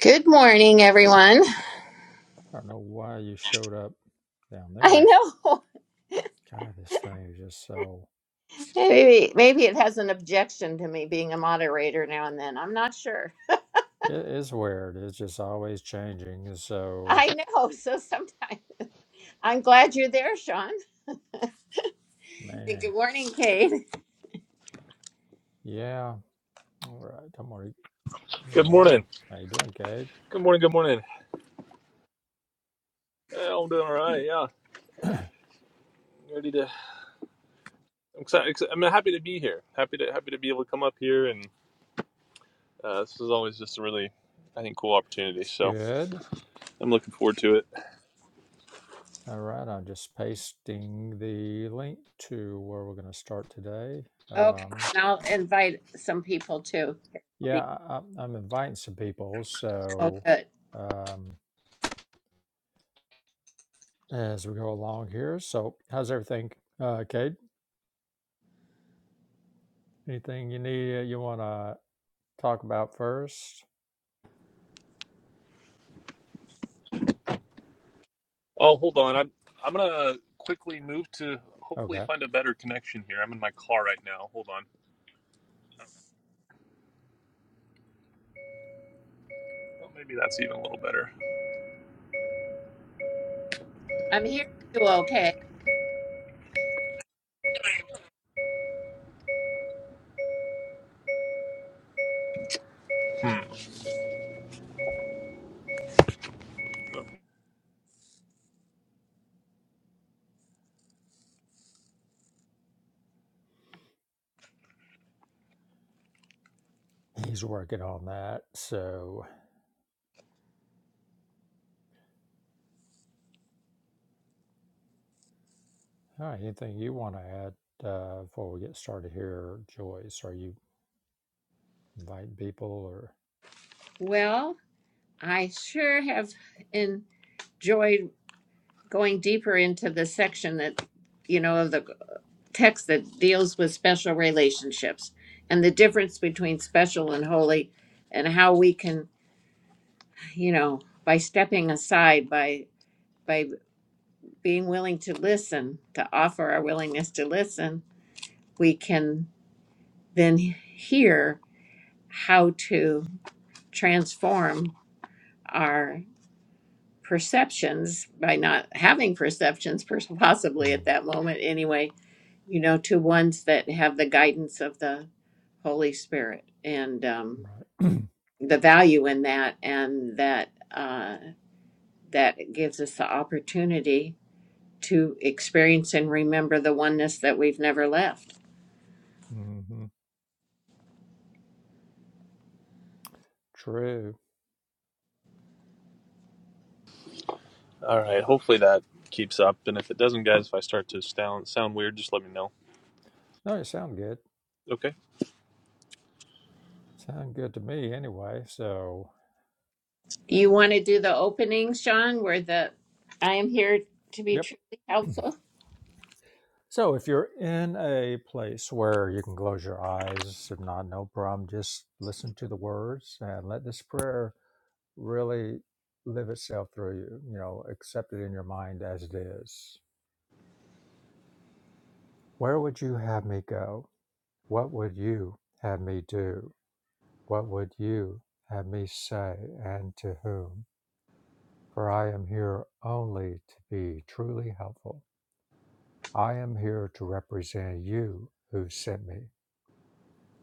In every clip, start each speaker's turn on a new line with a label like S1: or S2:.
S1: Good morning, everyone.
S2: I don't know why you showed up down
S1: I
S2: there.
S1: know.
S2: God, this thing is just so.
S1: Maybe maybe it has an objection to me being a moderator now and then. I'm not sure.
S2: It is weird. It's just always changing. So,
S1: I know. So sometimes I'm glad you're there, Sean. And
S2: man,
S1: Good morning, Kate.
S2: yeah. All right. Good morning.
S3: Good
S2: Morning.
S3: morning.
S2: How you doing, Kate?
S3: Good morning. Good morning. Yeah, I'm doing all right. Yeah, ready to. I'm excited. I'm happy to be here. Happy to happy to be able to come up here, and uh, this is always just a really, I think, cool opportunity. So
S2: Good.
S3: I'm looking forward to it.
S2: All right. I'm just pasting the link to where we're going to start today.
S1: Okay,
S2: Um,
S1: and I'll invite some people too. I'll
S2: yeah,
S1: be-
S2: I, I'm I'm inviting some people.
S1: Oh,
S2: So,
S1: good.
S2: um, as we go along here. So, how's everything, uh, Kate? Anything you need? uh, You want to? talk about first?
S3: Oh, hold on. I'm I'm gonna quickly move to hopefully
S2: Okay,
S3: find a better connection here. I'm in my car right now. Hold on. Well, maybe that's even a little better.
S1: I'm hearing you. Okay.
S3: Hmm.
S2: he's working on that. So, all right, anything you want to add uh, before we get started here, Joyce? Are you inviting people or
S1: Well, I sure have enjoyed going deeper into the section that you know of the text that deals with special relationships and the difference between special and holy and how we can you know by stepping aside by by being willing to listen to offer our willingness to listen we can then hear how to transform our perceptions by not having perceptions pers- possibly
S2: Mm,
S1: at that moment anyway you know, to ones that have the guidance of the Holy Spirit and um,
S2: right?
S1: the value in that, and that uh, that gives us the opportunity to experience and remember the oneness that we've never left.
S2: hmm True.
S3: All right.
S2: Yeah.
S3: Hopefully that keeps up. And if it doesn't, guys, if I start to sound sound weird, just let me know.
S2: No, it sound good.
S3: Okay.
S2: Sound good to me anyway. So,
S1: You want to do the openings, Sean, where the I am here to be
S2: yep.
S1: truly helpful?
S2: So, if you're in a place where you can close your eyes, if not, no problem. Just listen to the words and let this prayer really live itself through you, you know, accept it in your mind as it is. Where would you have me go? What would you have me do? What would you have me say and to whom? For I am here only to be truly helpful. I am here to represent you who sent me.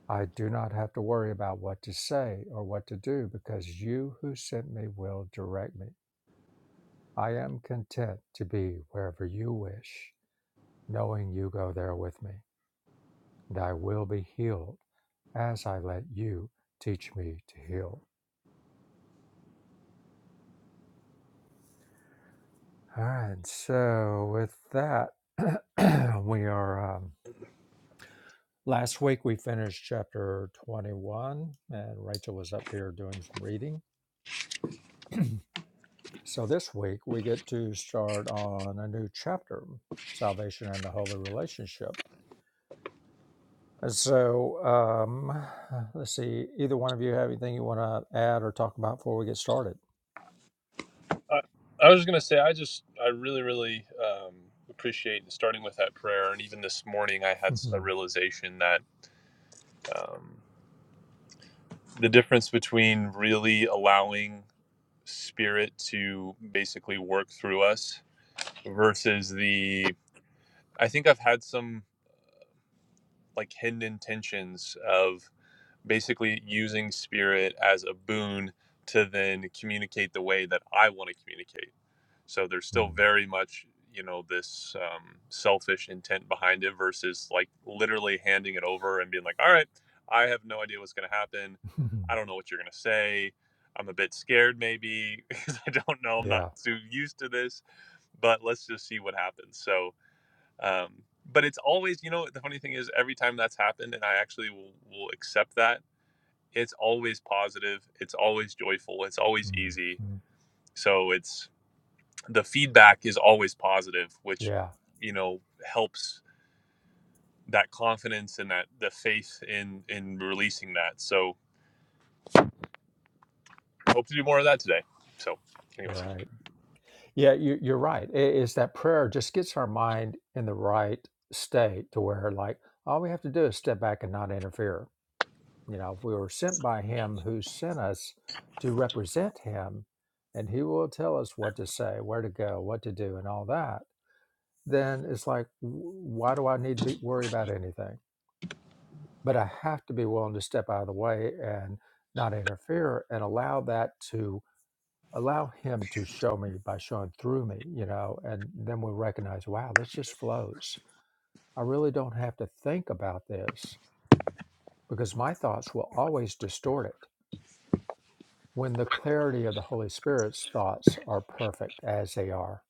S2: I do not have to worry about what to say or what to do because you who sent me will direct me. I am content to be wherever you wish knowing you go there with me, and I will be healed as I let you teach me to heal. All right, so with that, we are. Um, last week we finished chapter 21, and Rachel was up here doing some reading. So this week we get to start on a new chapter Salvation and the Holy Relationship. And so um, let's see, either one of you have anything you want to add or talk about before we get started?
S3: I, I was just going to say, I just, I really, really um, appreciate starting with that prayer. And even this morning, I had a
S2: Hmm.
S3: realization that um, the difference between really allowing spirit to basically work through us versus the, I think I've had some like hidden intentions of basically using spirit as a boon to then communicate the way that I want to communicate. So there's still very much, you know, this um, selfish intent behind it versus like literally handing it over and being like, all right, I have no idea what's going to happen. I don't know what you're going to say. I'm a bit scared maybe because I don't know. I'm not
S2: yeah.
S3: too used to this, but let's just see what happens. So, um, but it's always, you know, the funny thing is every time that's happened and I actually will, will accept that, it's always positive. It's always joyful. It's always easy.
S2: Mhm.
S3: So it's, the feedback is always positive which
S2: Yeah.
S3: you know helps that confidence and that the faith in in releasing that so hope to do more of that today so anyways
S2: Right. Yeah. You, you're right. It is that prayer just gets our mind in the right state to where, like, all we have to do is step back and not interfere. You know, we were sent by Him who sent us to represent Him, and He will tell us what to say, where to go, what to do, and all that. Then it's like, w- why do I need to be, worry about anything? But I have to be willing to step out of the way and not interfere and allow that to allow him to show me by showing through me you know and then we'll recognize wow this just flows i really don't have to think about this because my thoughts will always distort it when the clarity of the holy spirit's thoughts are perfect as they are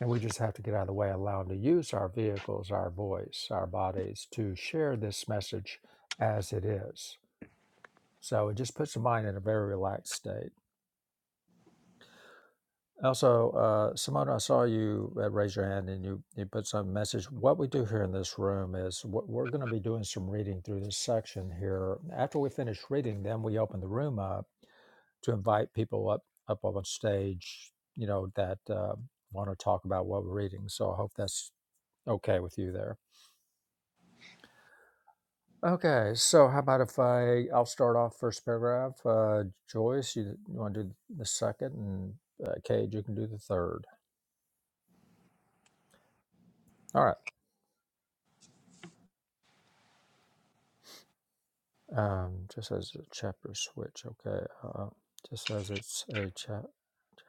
S2: and we just have to get out of the way allow him to use our vehicles our voice our bodies to share this message as it is so it just puts the mind in a very relaxed state Also, uh, Simona, I saw you uh, raise your hand and you, you put some message. What we do here in this room is what we're going to be doing some reading through this section here. After we finish reading, then we open the room up to invite people up up on stage, you know, that uh, want to talk about what we're reading. So I hope that's okay with you there. Okay, so how about if I I'll start off first paragraph. Uh, Joyce, you, you want to do the second, and uh, Cage, you can do the third. All right. Um, just as a chapter switch, okay. Uh, just as it's a chap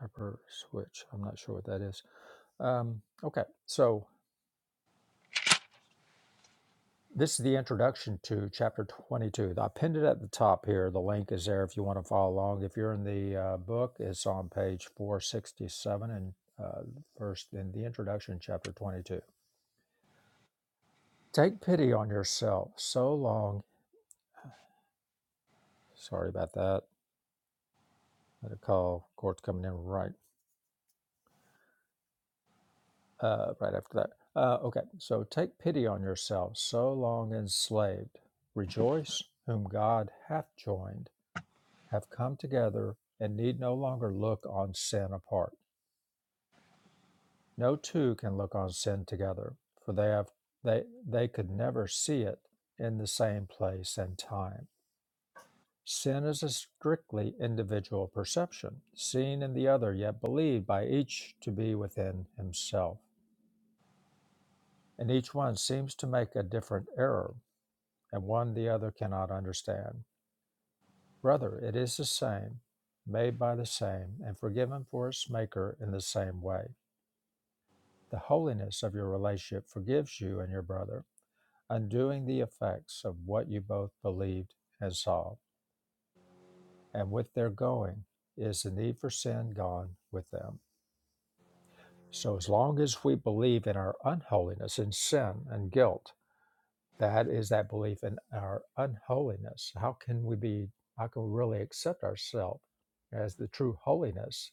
S2: chapter switch. I'm not sure what that is. Um, okay, so this is the introduction to chapter 22. I pinned it at the top here. The link is there if you want to follow along. If you're in the uh, book, it's on page 467 and uh, first in the introduction, chapter 22. Take pity on yourself. So long. Sorry about that. Had a call, court coming in right uh, right after that. Uh, okay, so take pity on yourselves, so long enslaved. Rejoice, whom God hath joined, have come together, and need no longer look on sin apart. No two can look on sin together, for they have they they could never see it in the same place and time. Sin is a strictly individual perception, seen in the other, yet believed by each to be within himself. And each one seems to make a different error and one the other cannot understand. Brother, it is the same, made by the same, and forgiven for its maker in the same way. The holiness of your relationship forgives you and your brother, undoing the effects of what you both believed and saw. And with their going is the need for sin gone with them. So, as long as we believe in our unholiness and sin and guilt, That is that belief in our unholiness. How can we be, how can we really accept ourselves as the true holiness,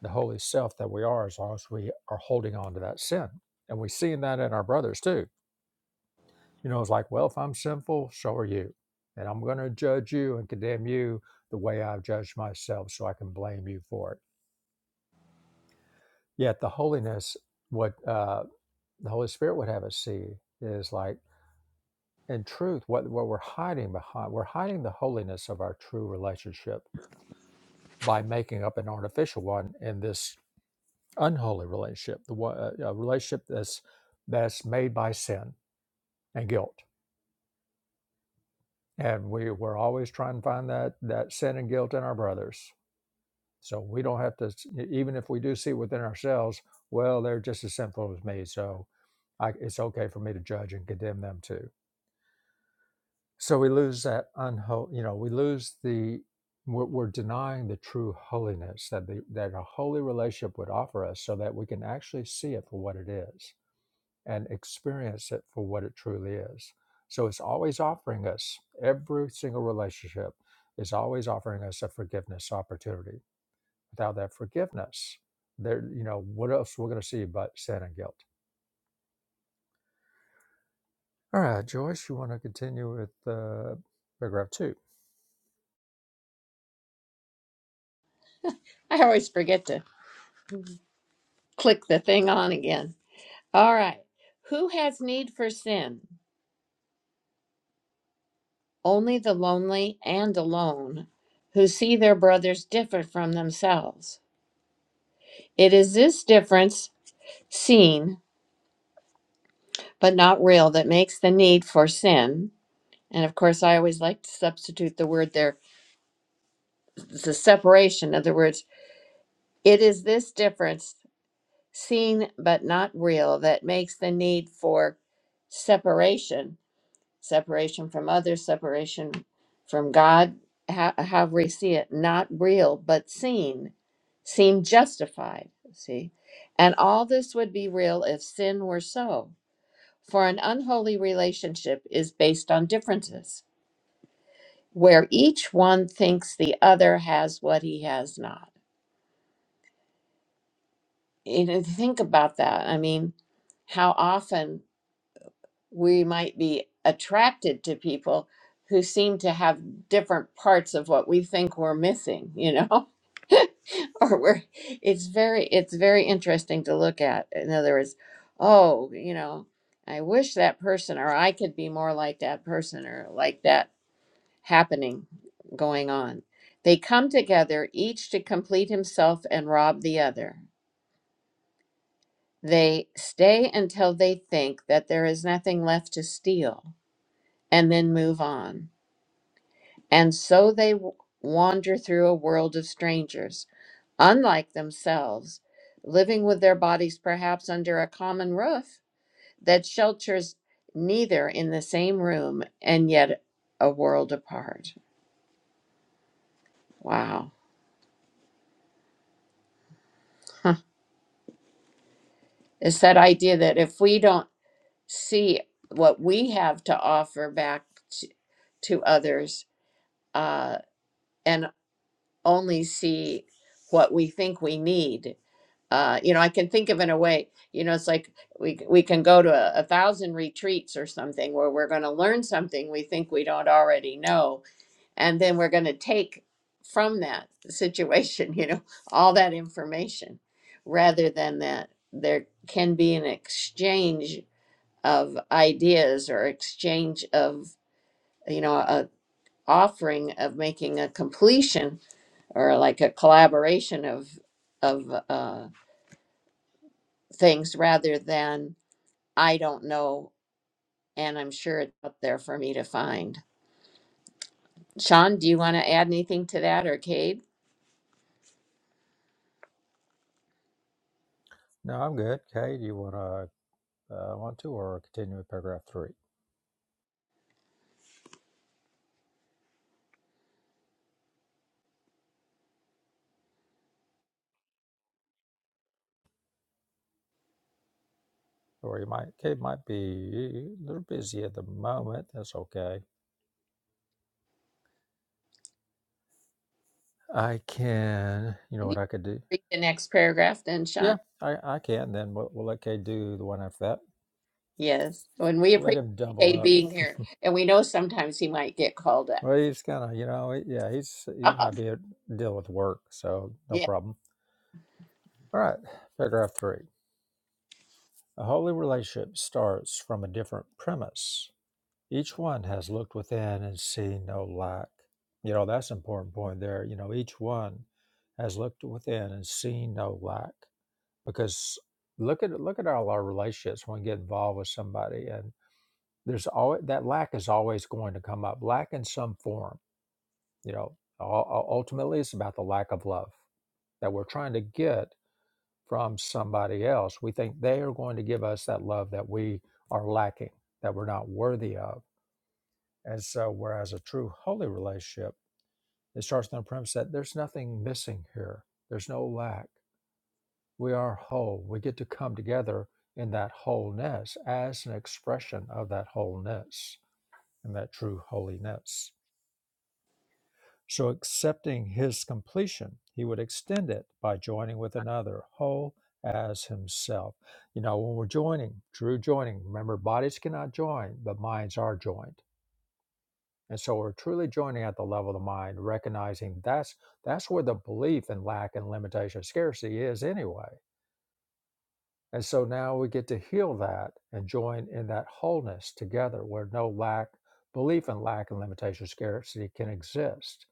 S2: the holy self that we are, as long as we are holding on to that sin? And we see that in our brothers too. You know, it's like, well, if I'm sinful, so are you. And I'm going to judge you and condemn you the way I've judged myself so I can blame you for it. Yet the holiness, what uh, the Holy Spirit would have us see is like, in truth, what, what we're hiding behind, we're hiding the holiness of our true relationship by making up an artificial one in this unholy relationship, the one, uh, a relationship that's that's made by sin and guilt, and we we're always trying to find that that sin and guilt in our brothers. So we don't have to, even if we do see within ourselves, well, they're just as sinful as me, so I, it's okay for me to judge and condemn them too So we lose that unho you know, we lose the we're, we're denying the true holiness that the that a holy relationship would offer us, so that we can actually see it for what it is and experience it for what it truly is. So it's always offering us every single relationship is always offering us a forgiveness opportunity. Without that forgiveness, there you know what else we're going to see but sin and guilt. All right, Joyce, you want to continue with uh, paragraph two?
S1: I always forget to click the thing on again. All right. Who has need for sin? only the lonely and alone who see their brothers different from themselves. It is this difference, seen but not real, that makes the need for sin. And of course, I always like to substitute the word there, the separation. In other words, it is this difference, seen but not real, that makes the need for separation separation from others, separation from God, how, however we see it, not real, but seen, seem justified. See? And all this would be real if sin were so. For an unholy relationship is based on differences, where each one thinks the other has what he has not. You know, think about that. I mean, how often. we might be attracted to people who seem to have different parts of what we think we're missing you know or we're it's very it's very interesting to look at in other words oh you know i wish that person or i could be more like that person or like that happening going on they come together each to complete himself and rob the other they stay until they think that there is nothing left to steal and then move on. And so they w- wander through a world of strangers, unlike themselves, living with their bodies perhaps under a common roof that shelters neither in the same room and yet a world apart. Wow. Huh. It's that idea that if we don't see what we have to offer back to, to others uh, and only see what we think we need, uh, you know, I can think of in a way, you know, it's like we we can go to a, a thousand retreats or something where we're going to learn something we think we don't already know, and then we're going to take from that situation, you know, all that information, rather than that there can be an exchange of ideas or exchange of you know a offering of making a completion or like a collaboration of of uh, things rather than I don't know, and I'm sure it's up there for me to find. Sean, do you want to add anything to that, or Cade?
S2: No, I'm good. Kay, do you want to? uh, want to, or continue with paragraph three. Or you might, Kate might be a little busy at the moment. That's okay. I can, you know
S1: Can you
S2: what I could do?
S1: read the next paragraph then,
S2: Yeah,
S1: Sean?
S2: I, I can. Then we'll, we'll let Kate do the one after that.
S1: Yes. And we
S2: We'll let
S1: appreciate
S2: him double
S1: Cade
S2: up.
S1: being here, and we know sometimes he might get called
S2: Well, he's kind of, you know, yeah, he's he
S1: up.
S2: might be a, deal with work, so no
S1: yeah.
S2: problem. All right, paragraph three. A holy relationship starts from a different premise Each one has looked within and seen no lack. You know, that's an important point there. You know, each one has looked within and seen no lack. Because look at look at all our relationships when we get involved with somebody and there's always that lack is always going to come up. Lack in some form, you know. ul- ul- Ultimately it's about the lack of love that we're trying to get from somebody else. We think they are going to give us that love that we are lacking, that we're not worthy of and so, whereas a true holy relationship, it starts on the premise that there's nothing missing here, there's no lack. We are whole. We get to come together in that wholeness as an expression of that wholeness and that true holiness. So, accepting his completion, he would extend it by joining with another, whole as himself. You know, when we're joining, true joining, remember, bodies cannot join, but minds are joined And so we're truly joining at the level of the mind, recognizing that's that's where the belief in lack and limitation, scarcity is anyway. And so now we get to heal that and join in that wholeness together where no lack, belief in lack and limitation, scarcity can exist.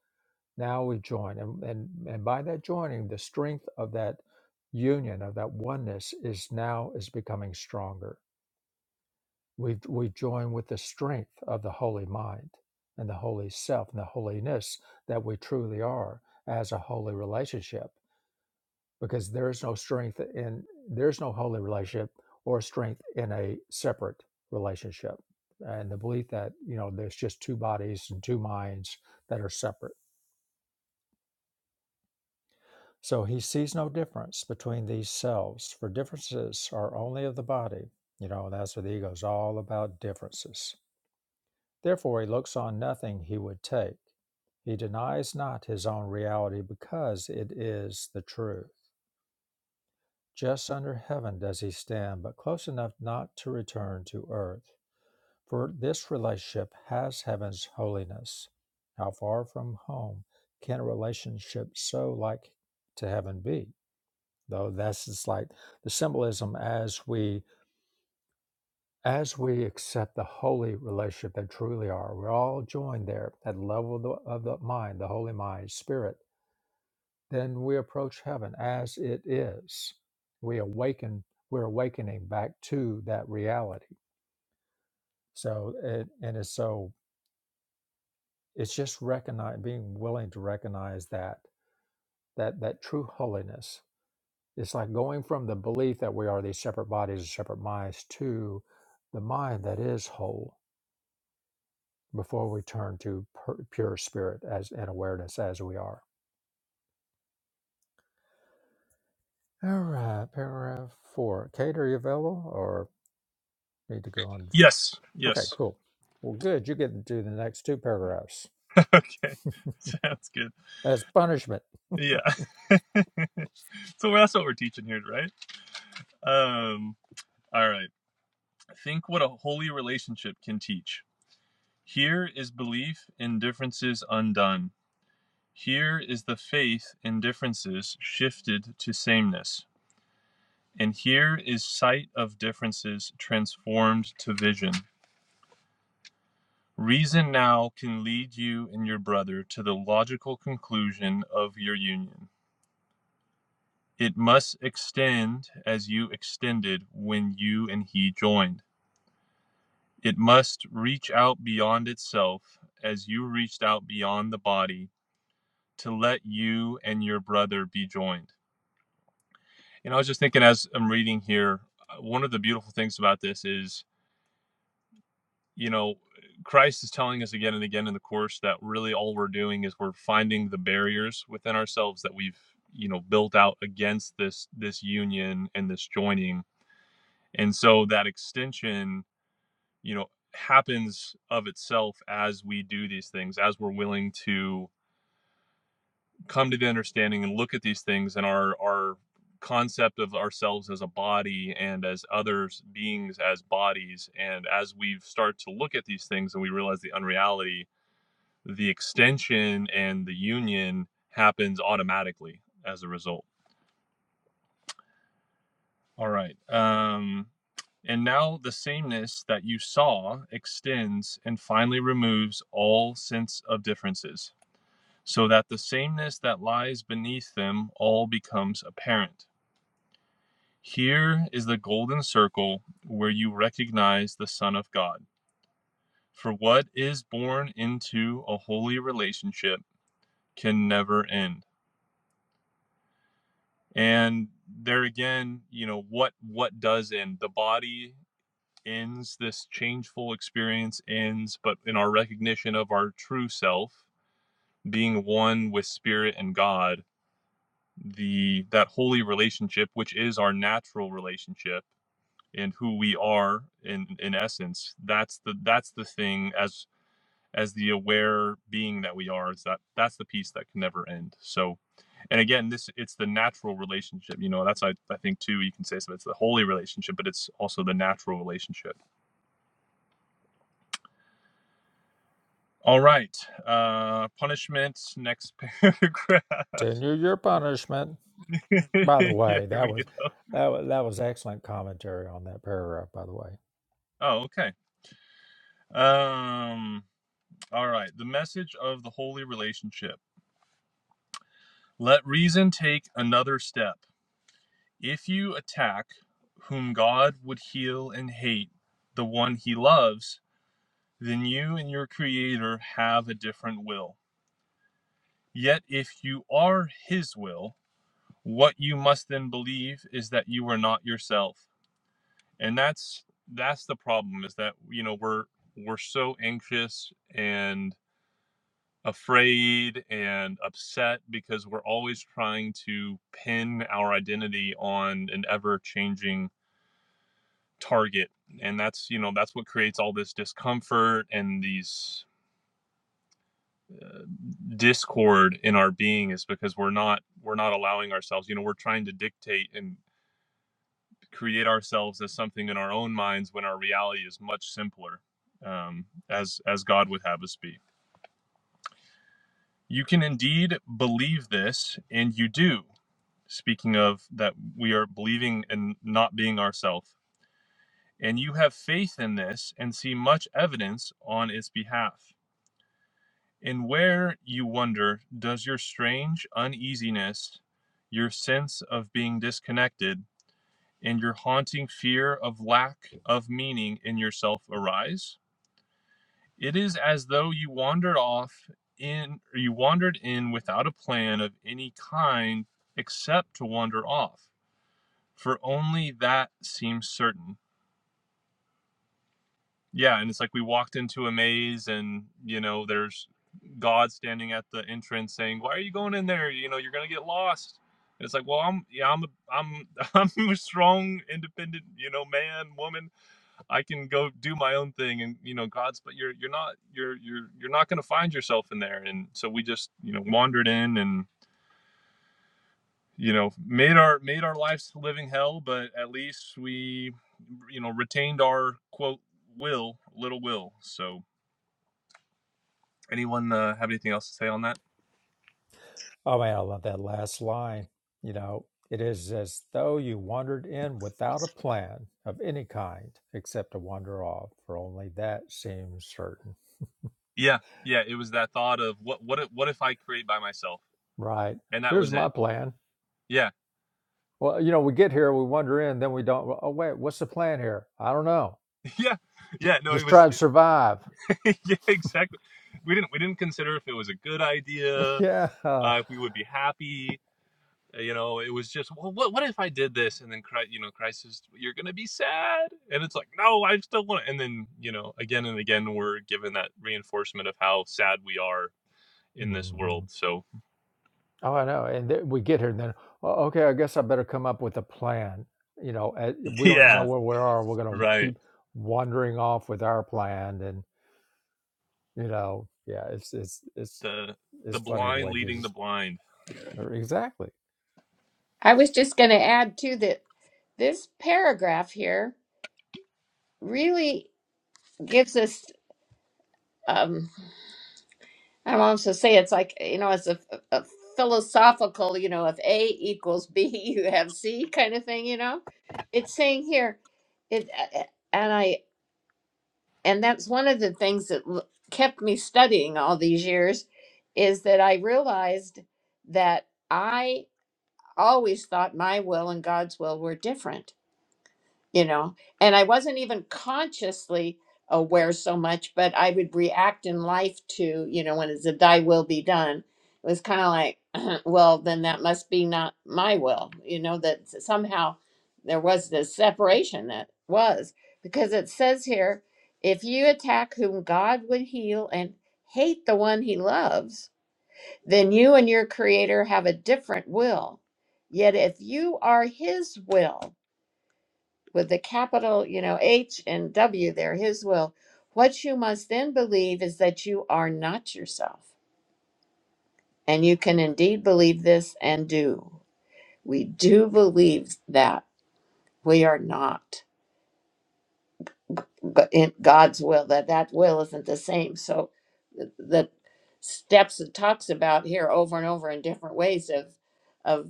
S2: Now we join. And, and, and by that joining, the strength of that union, of that oneness is now is becoming stronger we we join with the strength of the holy mind and the holy self and the holiness that we truly are as a holy relationship because there is no strength in there's no holy relationship or strength in a separate relationship and the belief that you know there's just two bodies and two minds that are separate so he sees no difference between these selves for differences are only of the body you know that's what the ego is all about differences Therefore, he looks on nothing he would take. He denies not his own reality because it is the truth. Just under heaven does he stand, but close enough not to return to earth. For this relationship has heaven's holiness. How far from home can a relationship so like to heaven be? Though that's just like the symbolism as we As we accept the holy relationship they truly are, we're all joined there at the level of the, of the mind, the holy mind, spirit. Then we approach heaven as it is. We awaken, we're awakening back to that reality. So, it, and it's so, it's just recognize, being willing to recognize that, that, that true holiness. It's like going from the belief that we are these separate bodies, separate minds to the mind that is whole before we turn to pur- pure spirit as and awareness as we are. All right, paragraph four. Kate, are you available or need to go on?
S3: Yes,
S2: Okay,
S3: yes.
S2: cool. Well, good. You get to do the next two paragraphs
S3: Okay, sounds good.
S2: as punishment.
S3: Yeah. so that's what we're teaching here, right? Um. All right. Think what a holy relationship can teach. Here is belief in differences undone. Here is the faith in differences shifted to sameness. And here is sight of differences transformed to vision. Reason now can lead you and your brother to the logical conclusion of your union. It must extend as you extended when you and he joined. It must reach out beyond itself as you reached out beyond the body to let you and your brother be joined. And I was just thinking as I'm reading here, uh, one of the beautiful things about this is you know, Christ is telling us again and again in the course that really all we're doing is we're finding the barriers within ourselves that we've, you know, built out against this this union and this joining. And so that extension, you know, happens of itself as we do these things, as we're willing to come to the understanding and look at these things and our our concept of ourselves as a body and as others beings as bodies and as we start to look at these things and we realize the unreality the extension and the union happens automatically as a result. All right. Um, and now the sameness that you saw extends and finally removes all sense of differences, so that the sameness that lies beneath them all becomes apparent. Here is the golden circle where you recognize the Son of God. For what is born into a holy relationship can never end. and there again you know what what does end the body ends this changeful experience ends but in our recognition of our true self being one with spirit and god the that holy relationship which is our natural relationship and who we are in in essence that's the that's the thing as as the aware being that we are is that that's the piece that can never end so and again this it's the natural relationship you know that's i, I think too you can say so it's the holy relationship but it's also the natural relationship all right uh punishment next paragraph
S2: Continue your punishment. By the
S3: yeah
S2: way,
S3: here
S2: that
S3: we
S2: was
S3: go
S2: that was, that was excellent commentary on that paragraph. By the way.
S3: oh okay um all right the message of the holy relationship let reason take another step If you attack whom God would heal and hate, the one he loves, then you and your Creator have a different will. Yet if you are his will, what you must then believe is that you are not yourself. And that's that's the problem is that you know we're we're so anxious and afraid and upset because we're always trying to pin our identity on an ever changing target and that's you know that's what creates all this discomfort and these discord in our being is because we're not we're not allowing ourselves you know we're trying to dictate and create ourselves as something in our own minds when our reality is much simpler um, as as god would have us be you can indeed believe this and you do speaking of that we are believing and not being ourselves, and you have faith in this and see much evidence on its behalf And where, you wonder, does your strange uneasiness, your sense of being disconnected, and your haunting fear of lack of meaning in yourself arise? It is as though you wandered off in, or you wandered in without a plan of any kind except to wander off, for only that seems certain. Yeah, and it's like we walked into a maze and, you know, there's God standing at the entrance saying, "Why are you going in there? You know, you're going to get lost." And it's like, "Well, I'm yeah, I'm a, I'm I'm a strong, independent, you know, man, woman. I can go do my own thing." And, you know, God's, "But you're you're not you're you're you're not going to find yourself in there." And so we just, you know, wandered in and, you know, made our made our lives a living hell, but at least we, you know, retained our quote will, little will. So Anyone uh, have anything else to say on that?
S2: Oh man, I love that last line. You know, it is as though you wandered in without a plan of any kind except to wander off, for only that seems certain.
S3: Yeah, yeah. It was that thought of what what if, what if I create by myself,
S2: Right.
S3: and that
S2: Here's
S3: was
S2: my
S3: it.
S2: plan.
S3: Yeah,
S2: Well, you know, we get here, we wander in, then we don't. Oh, wait, what's the plan here? I don't know.
S3: yeah, yeah. No, it
S2: Just try
S3: was
S2: to survive.
S3: yeah, exactly. We didn't we didn't consider if it was a good idea,
S2: yeah.
S3: uh, if we would be happy. uh, You know, it was just well, what what if I did this, and then Christ, you know, Christ says you're gonna be sad, and it's like no, I still want. it. And then you know, again and again, we're given that reinforcement of how sad we are in this
S2: hmm
S3: world. So
S2: Oh, I know. And then we get here, and then, "Oh, okay, I guess I better come up with a plan. You know, eh, we don't even know
S3: yeah,
S2: where we are. We're going to
S3: right.
S2: keep wandering off with our plan. You know, yeah, it's it's it's
S3: the the
S2: it's funny the
S3: blind
S2: way
S3: leading the
S2: Jesus
S3: blind.
S2: or exactly
S1: I was just going to add too that this paragraph here really gives us. um. I want to say it's like, you know, it's a, a philosophical, you know, if A equals B, you have C kind of thing, you know. It's saying here, it, a- a- and I, and that's one of the things that l- kept me studying all these years is that I realized that I always thought my will and God's will were different you know and i wasn't even consciously aware so much but i would react in life to you know when it's a thy will be done it was kind of like well then that must be not my will you know that s- somehow there was this separation that was because it says here if you attack whom god would heal and hate the one he loves then you and your creator have a different will yet if you are his will with the capital, you know, H and W there, his will. What you must then believe is that you are not yourself. And you can indeed believe this and do. We do believe that we are not But in God's will, that that will isn't the same. So the the steps it talks about here over and over in different ways of, of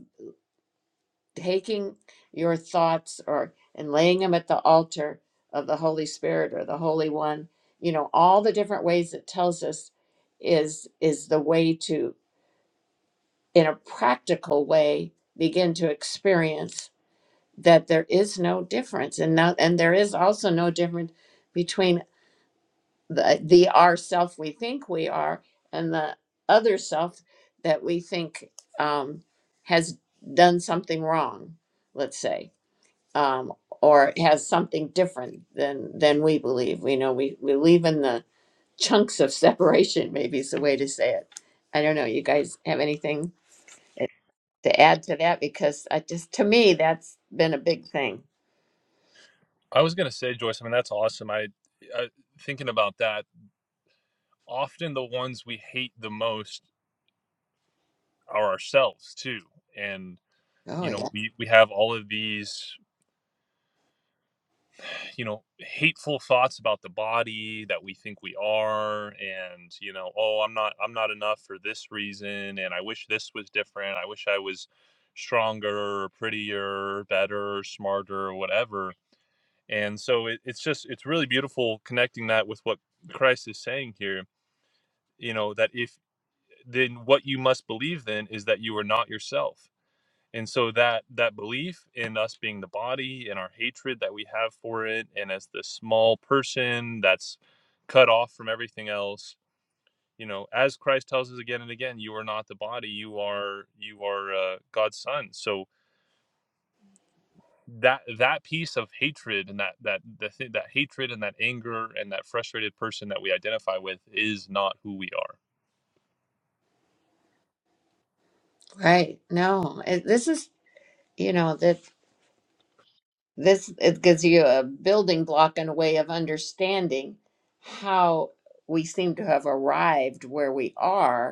S1: taking your thoughts or and laying them at the altar of the holy spirit or the holy one you know all the different ways it tells us is is the way to in a practical way begin to experience that there is no difference and now and there is also no difference between the the our self we think we are and the other self that we think um, has done something wrong let's say um, or has something different than than we believe. We know we we live in the chunks of separation. Maybe is the way to say it. I don't know. You guys have anything eh, to add to that? Because I just to me that's been a big thing.
S3: I was gonna say, Joyce. I mean, that's awesome. I, I thinking about that. Often the ones we hate the most are ourselves too, and
S1: Oh
S3: you know
S1: yeah,
S3: we we have all of these you know hateful thoughts about the body that we think we are, and you know, oh, I'm not I'm not enough for this reason, and I wish this was different. I wish I was stronger or prettier or better or smarter or whatever and so it, it's just it's really beautiful connecting that with what christ is saying here you know that if then what you must believe then is that you are not yourself and so that that belief in us being the body and our hatred that we have for it and as this small person that's cut off from everything else you know as christ tells us again and again you are not the body you are you are uh, god's son so that that piece of hatred and that that the thi- that hatred and that anger and that frustrated person that we identify with is not who we are.
S1: right. No, it, this is you know that this it gives you a building block and a way of understanding how we seem to have arrived where we are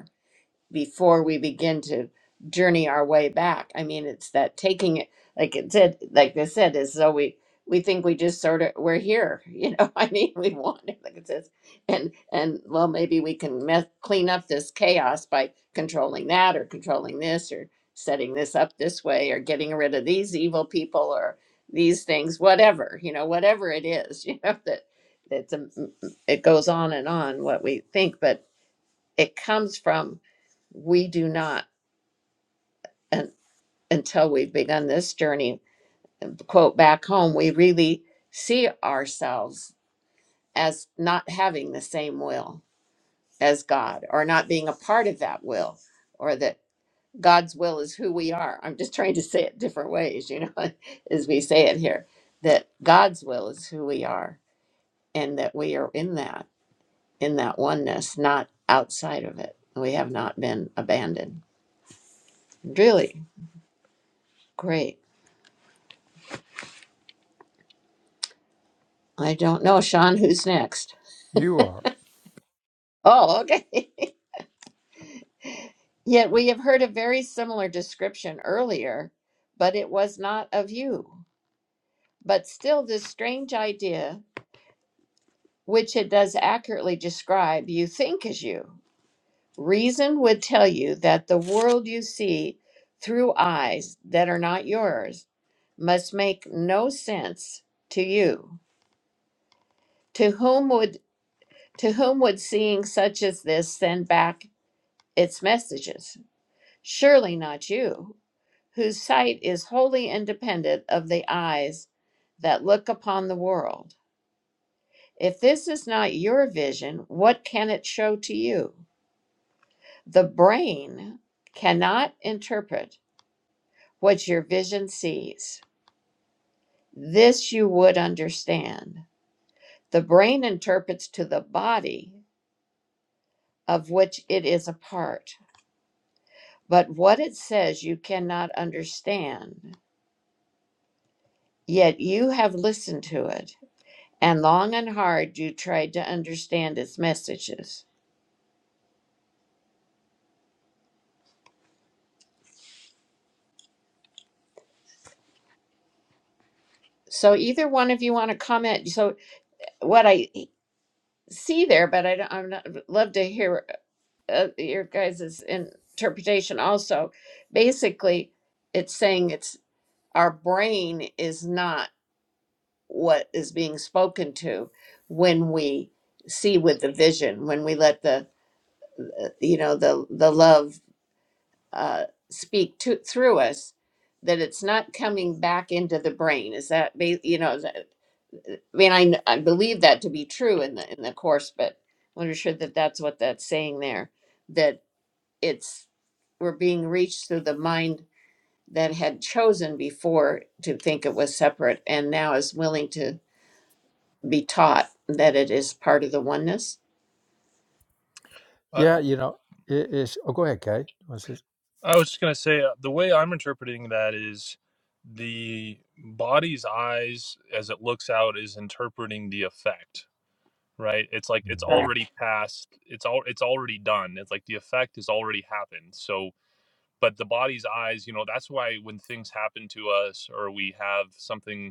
S1: before we begin to journey our way back. I mean, it's that taking it, like it said, like they said, is so we we think we just sort of we're here, you know. I mean, we want it, like it says, and and well, maybe we can meth- clean up this chaos by controlling that or controlling this or setting this up this way or getting rid of these evil people or these things, whatever you know, whatever it is, you know that. It's a, it goes on and on what we think, but it comes from we do not and until we've begun this journey quote back home we really see ourselves as not having the same will as god or not being a part of that will or that god's will is who we are i'm just trying to say it different ways you know as we say it here that god's will is who we are and that we are in that in that oneness not outside of it we have not been abandoned really great i don't know sean who's next
S2: you are.
S1: Oh, okay. Yet we have heard a very similar description earlier, but it was not of you. But still, this strange idea, which it does accurately describe, you think is you. Reason would tell you that the world you see through eyes that are not yours must make no sense to you. To whom would to whom would seeing such as this send back its messages? Surely not you whose sight is wholly independent of the eyes that look upon the world. If this is not your vision, what can it show to you? The brain cannot interpret what your vision sees. This you would understand. The brain interprets to the body of which it is a part, but what it says you cannot understand, yet you have listened to it. and long and hard you tried to understand its messages. So either one of you want to comment? So what I see there, but I I'm not, love to hear uh, your guys' interpretation. Also, basically, it's saying it's our brain is not what is being spoken to when we see with the vision when we let the you know the the love uh, speak to through us that it's not coming back into the brain is that ba- you know is that, i mean I, kn- I believe that to be true in the in the course but i am not sure that that's what that's saying there that it's we're being reached through the mind that had chosen before to think it was separate and now is willing to be taught that it is part of the oneness
S2: Yeah, you know, it, it's. Oh, go ahead, Kay. What's this?
S3: I, I was just going to say uh, the way I'm interpreting that is the body's eyes as it looks out is interpreting the effect, right? It's like it's
S2: Mhm.
S1: Right.
S3: already past, it's all it's already done. It's like the effect has already happened. So but the body's eyes, you know, that's why when things happen to us or we have something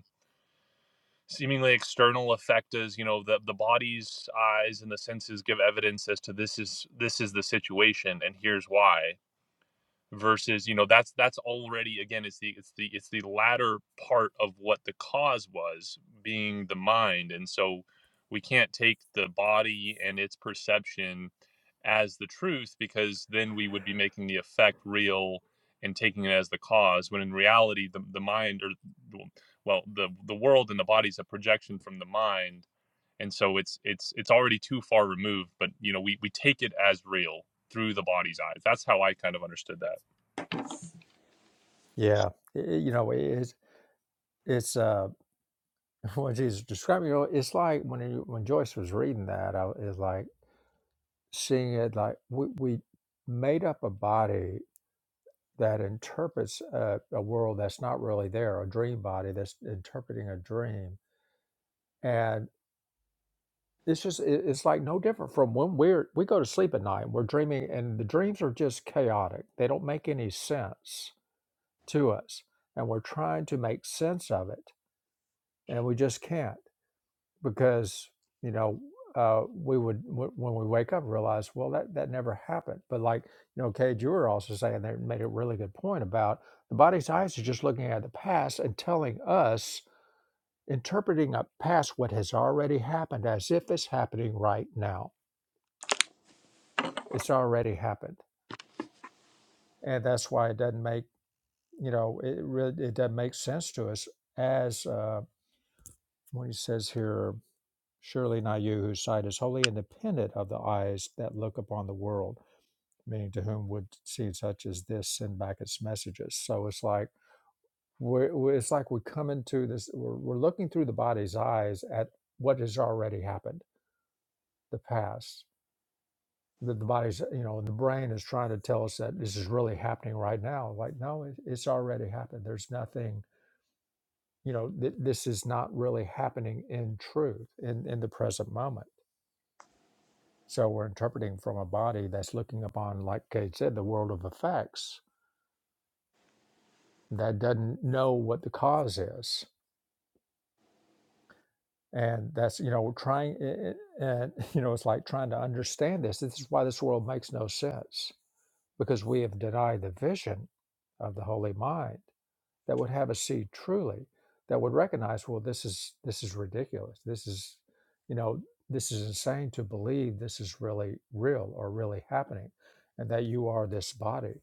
S3: seemingly external effectas you know the, the body's eyes and the senses give evidence as to this is this is the situation and here's why versus you know that's that's already again it's the it's the it's the latter part of what the cause was being the mind and so we can't take the body and its perception as the truth because then we would be making the effect real and taking it as the cause when in reality the, the mind or well the the world and the body is a projection from the mind and so it's it's it's already too far removed but you know we we take it as real through the body's eyes that's how i kind of understood that
S2: Yeah, i- i- you know, it, it's it's uh when Jesus describing. You know, it's like when he, when Joyce was reading that, I was like seeing it like we we made up a body that interprets a, a world that's not really there, a dream body that's interpreting a dream, It's just it, it's like no different from when we're we go to sleep at night. and We're dreaming, and the dreams are just chaotic. They don't make any sense to us, and we're trying to make sense of it, and we just can't because you know uh, we would w- when we wake up realize well that that never happened. But like you know, Cade, you were also saying there made a really good point about the body's eyes are just looking at the past and telling us interpreting up past what has already happened as if it's happening right now it's already happened and that's why it doesn't make you know it really it doesn't make sense to us as uh, when he says here surely not you whose sight is wholly independent of the eyes that look upon the world meaning to whom would see such as this send back its messages so it's like we're, we're- it's like we come into this we're, we're looking through the body's eyes at what has already happened the past that the body's you know the brain is trying to tell us that this is really happening right now like no it, it's already happened there's nothing you know th- this is not really happening in truth in in the present moment so we're interpreting from a body that's looking upon like kate said the world of effects that doesn't know what the cause is and that's you know we're trying i- i- and you know it's like trying to understand this this is why this world makes no sense because we have denied the vision of the holy mind that would have a seed truly that would recognize well this is this is ridiculous this is you know this is insane to believe this is really real or really happening and that you are this body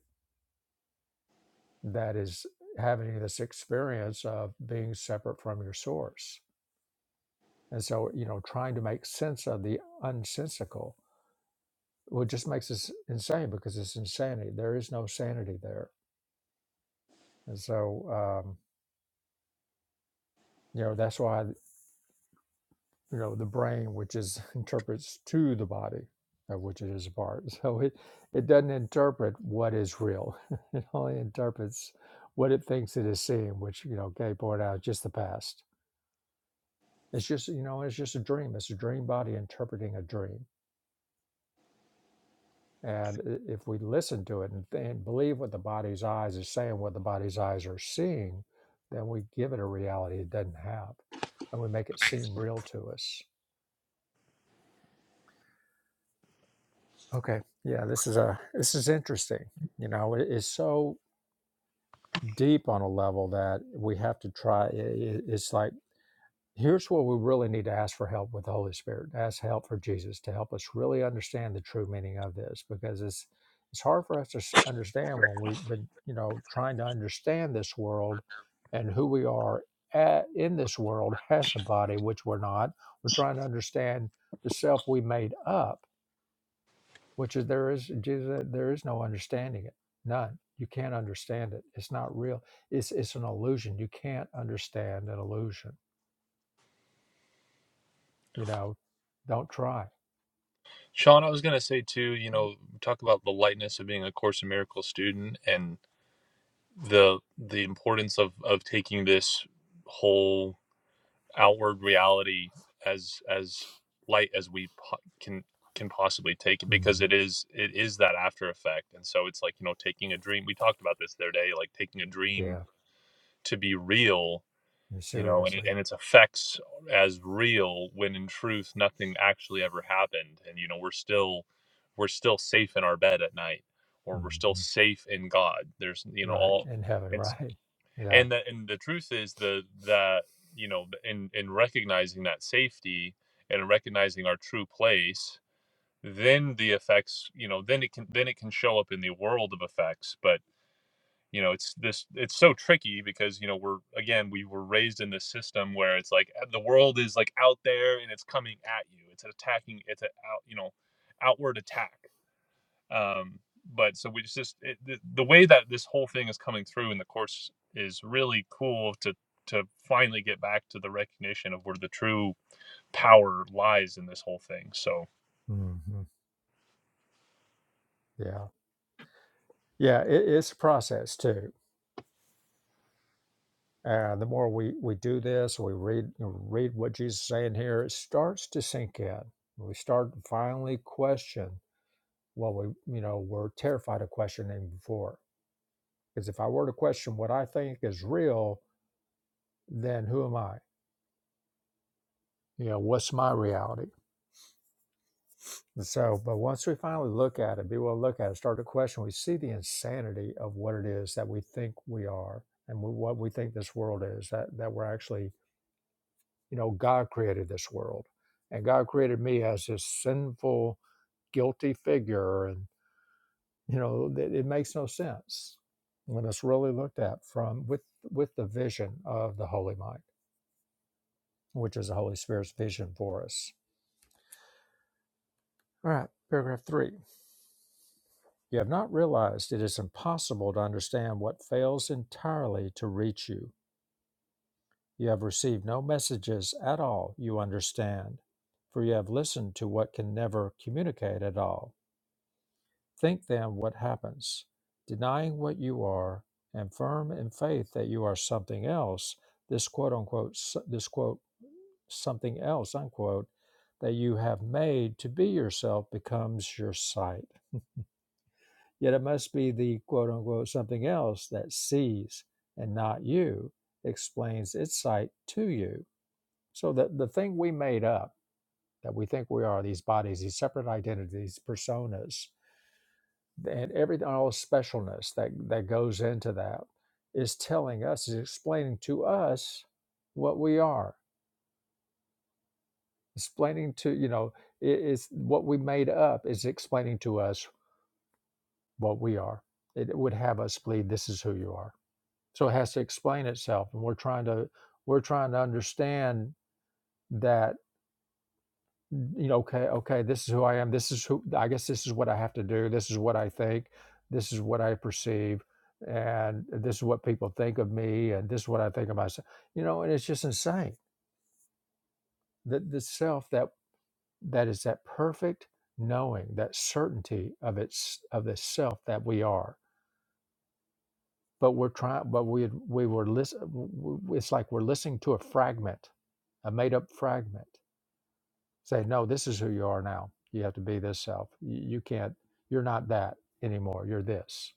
S2: that is having this experience of being separate from your source and so you know trying to make sense of the unsensical well it just makes us insane because it's insanity there is no sanity there and so um you know that's why you know the brain which is interprets to the body of which it is a part so it it doesn't interpret what is real it only interprets what it thinks it is seeing which you know gay pointed out is just the past it's just you know it's just a dream it's a dream body interpreting a dream and i- if we listen to it and, and believe what the body's eyes is saying what the body's eyes are seeing then we give it a reality it doesn't have and we make it seem real to us Okay. Yeah, this is a this is interesting. You know, it- it's so deep on a level that we have to try. i- i- It's like here's where we really need to ask for help with the Holy Spirit. Ask help for Jesus to help us really understand the true meaning of this, because it's it's hard for us to s- understand when we've been, you know, trying to understand this world and who we are at, in this world as a body, which we're not. We're trying to understand the self we made up which is there is Jesus uh, there is no understanding it. None. You can't understand it. It's not real. It's it's an illusion. You can't understand an illusion. You know, don't try.
S3: Sean, I was going to say too, you know, talk about the lightness of being a Course in Miracles student and the the importance of of taking this whole outward reality as as light as we po- can can possibly take it because
S2: Mm-hmm.
S3: it is it is that after effect and so it's like you know taking a dream we talked about this the other day like taking a dream
S2: Yeah,
S3: to be real you know and, it,
S2: seriously.
S3: and its effects as real when in truth nothing actually ever happened and you know we're still we're still safe in our bed at night or we're still
S2: Mm-hmm.
S3: safe in god there's you know
S2: Right
S3: all
S2: in heaven.
S3: it's
S2: Right. Yeah.
S3: and the and the truth is the that you know in in recognizing that safety and in recognizing our true place then the effects you know then it can then it can show up in the world of effects but you know it's this it's so tricky because you know we're again we were raised in this system where it's like uh, the world is like out there and it's coming at you it's attacking it's an out you know outward attack um but so we just it, the, the way that this whole thing is coming through in the course is really cool to to finally get back to the recognition of where the true power lies in this whole thing so
S2: Mm-hmm. Yeah, yeah, it, it's a process too. And the more we we do this, we read read what Jesus is saying here, it starts to sink in. We start to finally question. what we you know were terrified of questioning before because if i were to question what i think is real then who am i you know what's my reality And so but once we finally look at it be willing to look at it start to question we see the insanity of what it is that we think we are and we, what we think this world is that that we're actually you know god created this world and god created me as this sinful guilty figure and. You know, that it makes no sense when it's really looked at from with with the vision of the Holy Mind, which is the Holy Spirit's vision for us. All right, paragraph three. You have not realized it is impossible to understand what fails entirely to reach you. You have received no messages at all you understand, for you have listened to what can never communicate at all Think then what happens. Denying what you are and firm in faith that you are something else, this quote unquote, s- this quote, something else, unquote, that you have made to be yourself becomes your sight. Yet it must be the quote unquote something else that sees and not you explains its sight to you. So that the thing we made up that we think we are, these bodies, these separate identities, personas, and everything all the specialness that that goes into that is telling us is explaining to us what we are explaining to you know it is what we made up is explaining to us what we are it would have us believe this is who you are so it has to explain itself and we're trying to we're trying to understand that you know, okay, okay, this is who I am. This is who I guess this is what I have to do. This is what I think. This is what I perceive. And this is what people think of me. And this is what I think of myself. You know, and it's just insane that the self that that is that perfect knowing, that certainty of its of the self that we are. But we're trying, but we we were listen. It's like we're listening to a fragment, a made up fragment Say, no, this is who you are now. You have to be this self. You, you can't, you're not that anymore. You're this.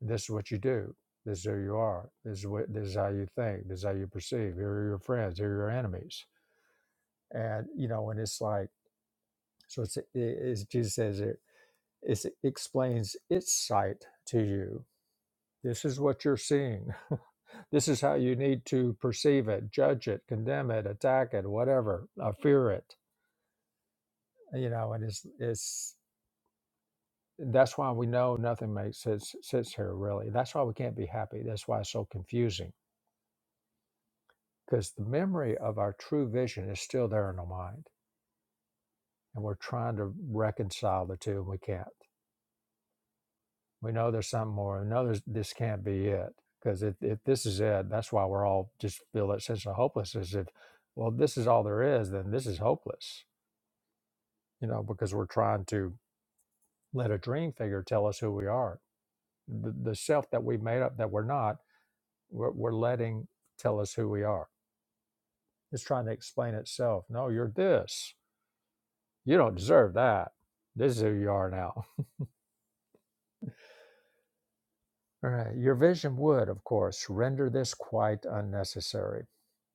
S2: This is what you do. This is who you are. This is what this is how you think. This is how you perceive. Here are your friends. Here are your enemies. And you know, and it's like so. It's it, it's Jesus says it. it's, It explains its sight to you. This is what you're seeing. This is how you need to perceive it, judge it, condemn it, attack it, whatever, uh, fear it. You know, and it's it's That's why we know nothing makes sense sense here really. That's why we can't be happy. That's why it's so confusing because the memory of our true vision is still there in our mind, and we're trying to reconcile the two, and we can't. We know there's something more. We know there's, this can't be it because if, if this is it, that's why we're all just feel that sense of hopelessness. If well, this is all there is, then this is hopeless. You know, because we're trying to let a dream figure tell us who we are. The, the self that we made up that we're not We're, we're letting tell us who we are. It's trying to explain itself. No, you're this. You don't deserve that. This is who you are now. All right. Your vision would, of course, render this quite unnecessary.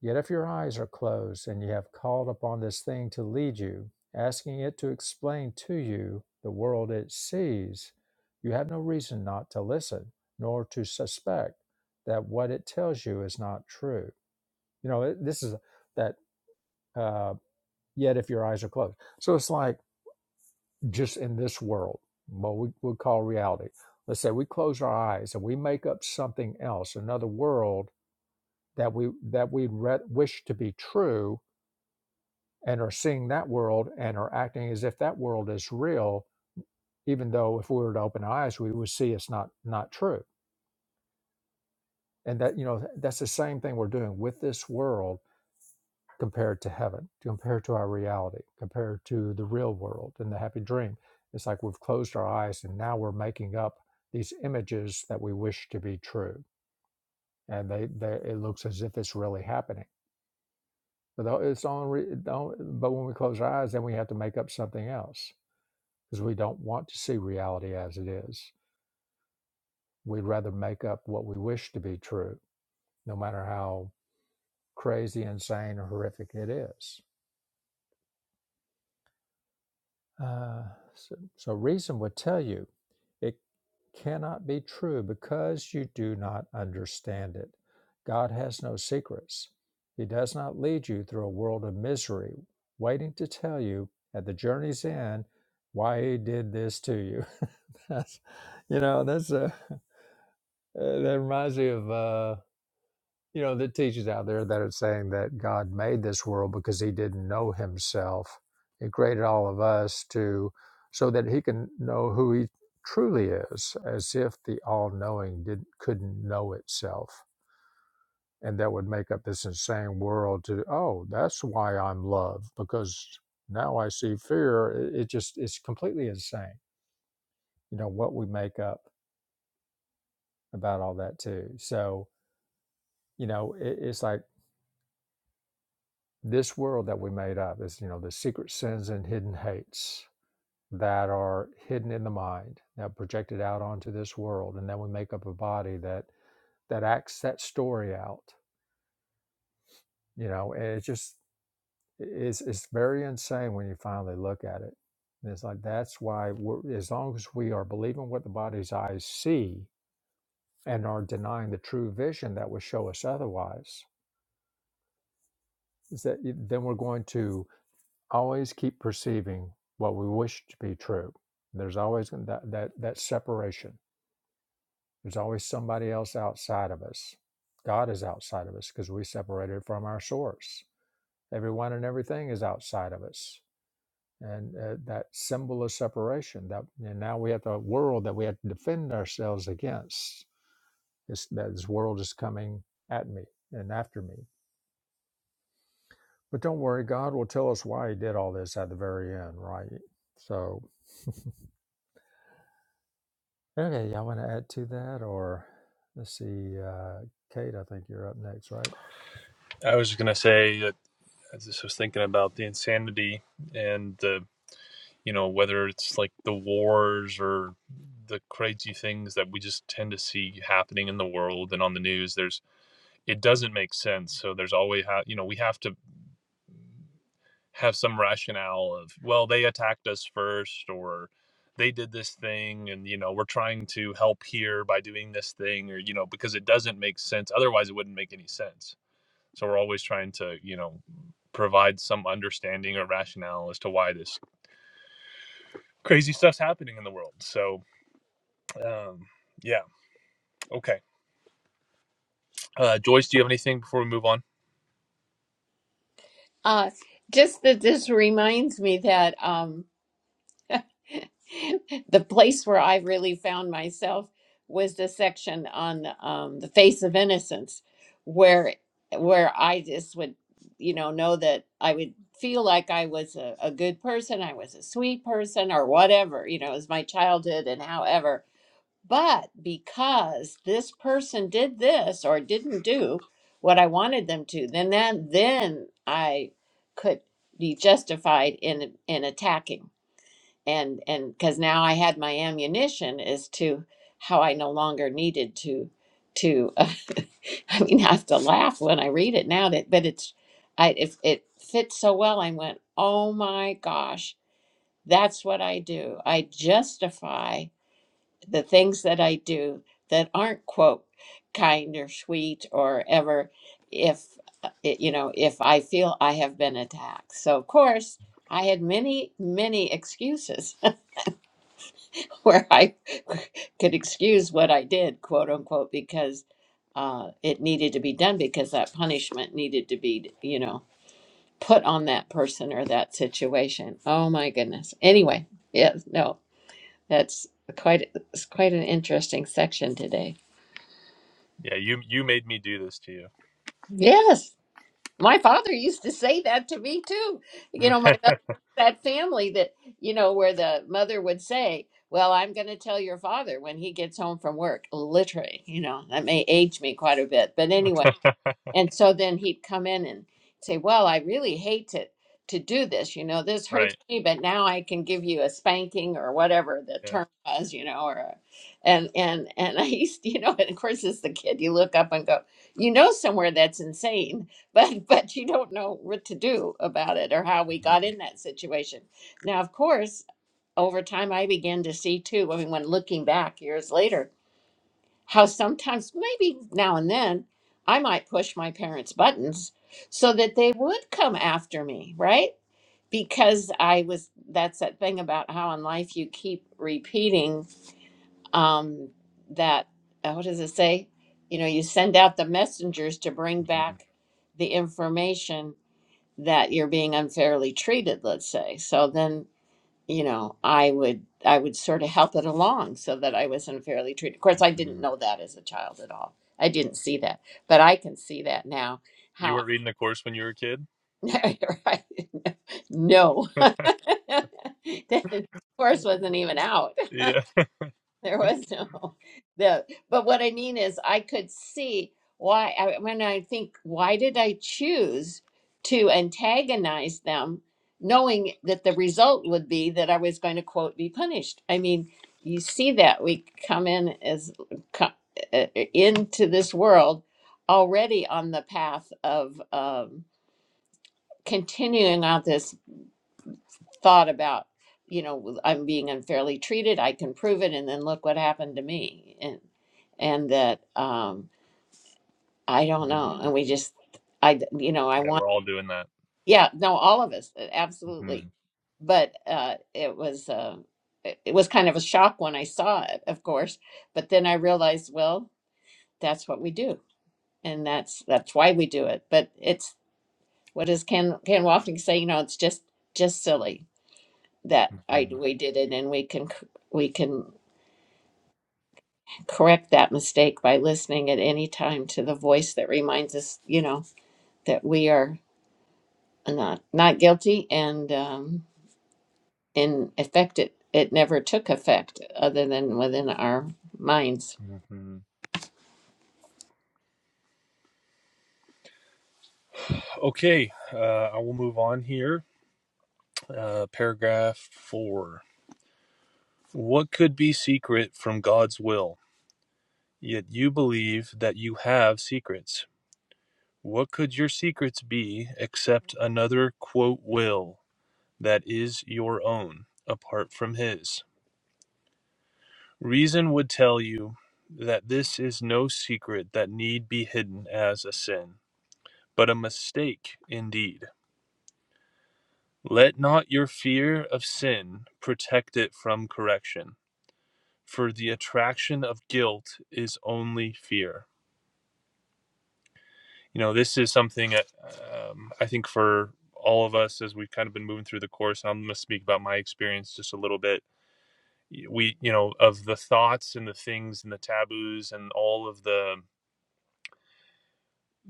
S2: Yet if your eyes are closed and you have called upon this thing to lead you, asking it to explain to you the world it sees, you have no reason not to listen, nor to suspect that what it tells you is not true. You know, it- this is that. uh, yet if your eyes are closed. So it's like just in this world, what we would call reality. Let's say we close our eyes and we make up something else, another world that we that we re- wish to be true, and are seeing that world and are acting as if that world is real, even though if we were to open our eyes, we would see it's not not true. And that you know that's the same thing we're doing with this world compared to heaven, compared to our reality, compared to the real world and the happy dream. It's like we've closed our eyes and now we're making up these images that we wish to be true, and they, they it looks as if it's really happening. But it's only re- the only- but when we close our eyes, then we have to make up something else because we don't want to see reality as it is. We'd rather make up what we wish to be true, no matter how crazy, insane, or horrific it is. Uh, so, so reason would tell you it cannot be true because you do not understand it. God has no secrets. He does not lead you through a world of misery, waiting to tell you at the journey's end why he did this to you. that's, you know, that's a, uh, that reminds me of. uh, you know, the teachers out there that are saying that God made this world because he didn't know himself. He created all of us to so that he can know who he truly is, as if the all knowing did not couldn't know itself. And that would make up this insane world to, oh, that's why I'm love, because now I see fear. It, it just it's completely insane, you know, what we make up about all that too. So, you know, it, it's like This world that we made up is, you know, the secret sins and hidden hates that are hidden in the mind, that are projected out onto this world, and then we make up a body that that acts that story out. You know, and it's just it's it's very insane when you finally look at it. And it's like that's why we're, as long as we are believing what the body's eyes see and are denying the true vision that would show us otherwise, is that y- then we're going to always keep perceiving what we wish to be true. There's always that, that, that separation. There's always somebody else outside of us. God is outside of us because we separated from our source. Everyone and everything is outside of us. And uh, that symbol of separation that and now we have the world that we have to defend ourselves against. This, that this world is coming at me and after me. But don't worry, God will tell us why he did all this at the very end, right? So Okay, y'all want to add to that, or let's see, uh, Kate. I think you're up next, right?
S3: i was going to say that i just was thinking about the insanity and the you know, whether it's like the wars or the crazy things that we just tend to see happening in the world and on the news, there's it doesn't make sense. So there's always ha- you know, we have to have some rationale of, well, they attacked us first or they did this thing and you know, we're trying to help here by doing this thing or you know, because it doesn't make sense. Otherwise it wouldn't make any sense. So we're always trying to, you know, provide some understanding or rationale as to why this crazy stuff's happening in the world. So Um, yeah. Okay. Uh, Joyce, do you have anything before we move on?
S1: uh just that this reminds me that um the place where I really found myself was the section on um, the face of innocence, where where I just would, you know, know that I would feel like I was a, a good person, I was a sweet person, or whatever, you know, it was my childhood and however. But because this person did this or didn't do what I wanted them to, then that then I could be justified in in attacking and and because now I had my ammunition as to how I no longer needed to to uh, I mean I have to laugh when I read it now that but it's I if it fits so well I went oh my gosh that's what I do I justify the things that I do that aren't quote kind or sweet or ever if uh, it, you know if I feel I have been attacked so of course I had many many excuses where I could excuse what I did, quote unquote, because uh, it needed to be done because that punishment needed to be, you know, put on that person or that situation. Oh my goodness. Anyway, yes, no, that's quite it's quite an interesting section today.
S3: Yeah, you you made me do this to you.
S1: Yes. My father used to say that to me too. You know, my mother, that family that, you know, where the mother would say, Well, I'm going to tell your father when he gets home from work, literally, you know, that may age me quite a bit. But anyway. And so then he'd come in and say, Well, I really hate to to do this, you know, this hurts
S3: right.
S1: me, but now I can give you a spanking or whatever the
S3: Yeah.
S1: term was, you know, or a, and and and I used you know, and of course as the kid you look up and go, you know somewhere that's insane, but but you don't know what to do about it or how we got in that situation. Now of course over time I began to see too, I mean when looking back years later how sometimes, maybe now and then, I might push my parents' buttons so that they would come after me, right? Because I was, that's that thing about how in life you keep repeating um, that, uh, what does it say? You know, you send out the messengers to bring back the information that you're being unfairly treated, let's say. So then you know, I would I would sort of help it along so that I was unfairly treated. Of course, I didn't know that as a child at all. I didn't see that, but I can see that now.
S3: You
S1: How
S3: weren't reading the course when you were a kid.
S1: I no,
S3: yeah.
S1: that of course wasn't even out.
S3: Yeah,
S1: There was no the but what I mean is I could see why I, when I think why did I choose to antagonize them knowing that the result would be that I was going to quote be punished. I mean, you see that we come in as co- uh, into this world already on the path of um, continuing on this thought about you know i'm being unfairly treated i can prove it and then look what happened to me and and that um i don't know and we just I you know i want
S3: we're all doing that.
S1: yeah no all of us uh, absolutely but uh it was uh it it was kind of a shock when i saw it of course but then i realized well that's what we do and that's that's why we do it but it's what does ken ken wafting say you know it's just just silly that i we did it and we can c- we can correct that mistake by listening at any time to the voice that reminds us, you know, that we are not not guilty, and um, in effect, it it never took effect other than within our minds.
S3: Okay, uh, I will move on here. Uh, paragraph four. What could be secret from God's will? Yet you believe that you have secrets. What could your secrets be except another quote will that is your own, apart from his? Reason would tell you that this is no secret that need be hidden as a sin, but a mistake indeed. Let not your fear of sin protect it from correction, for the attraction of guilt is only fear. you know this is something that, um, i think for all of us as we've kind of been moving through the course i'm going to speak about my experience just a little bit we you know of the thoughts and the things and the taboos and all of the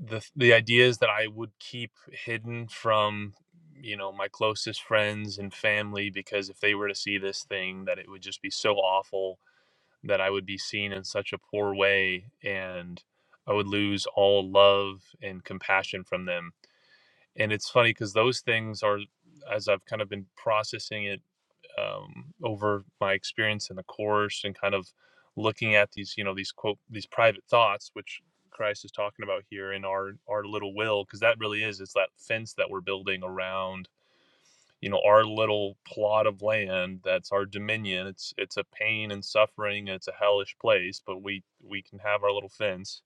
S3: the, the ideas that i would keep hidden from you know my closest friends and family because if they were to see this thing that it would just be so awful that i would be seen in such a poor way and i would lose all love and compassion from them and it's funny because those things are as i've kind of been processing it um, over my experience in the course and kind of looking at these you know these quote these private thoughts which christ is talking about here in our our little will because that really is it's that fence that we're building around you know our little plot of land that's our dominion it's it's a pain and suffering and it's a hellish place but we we can have our little fence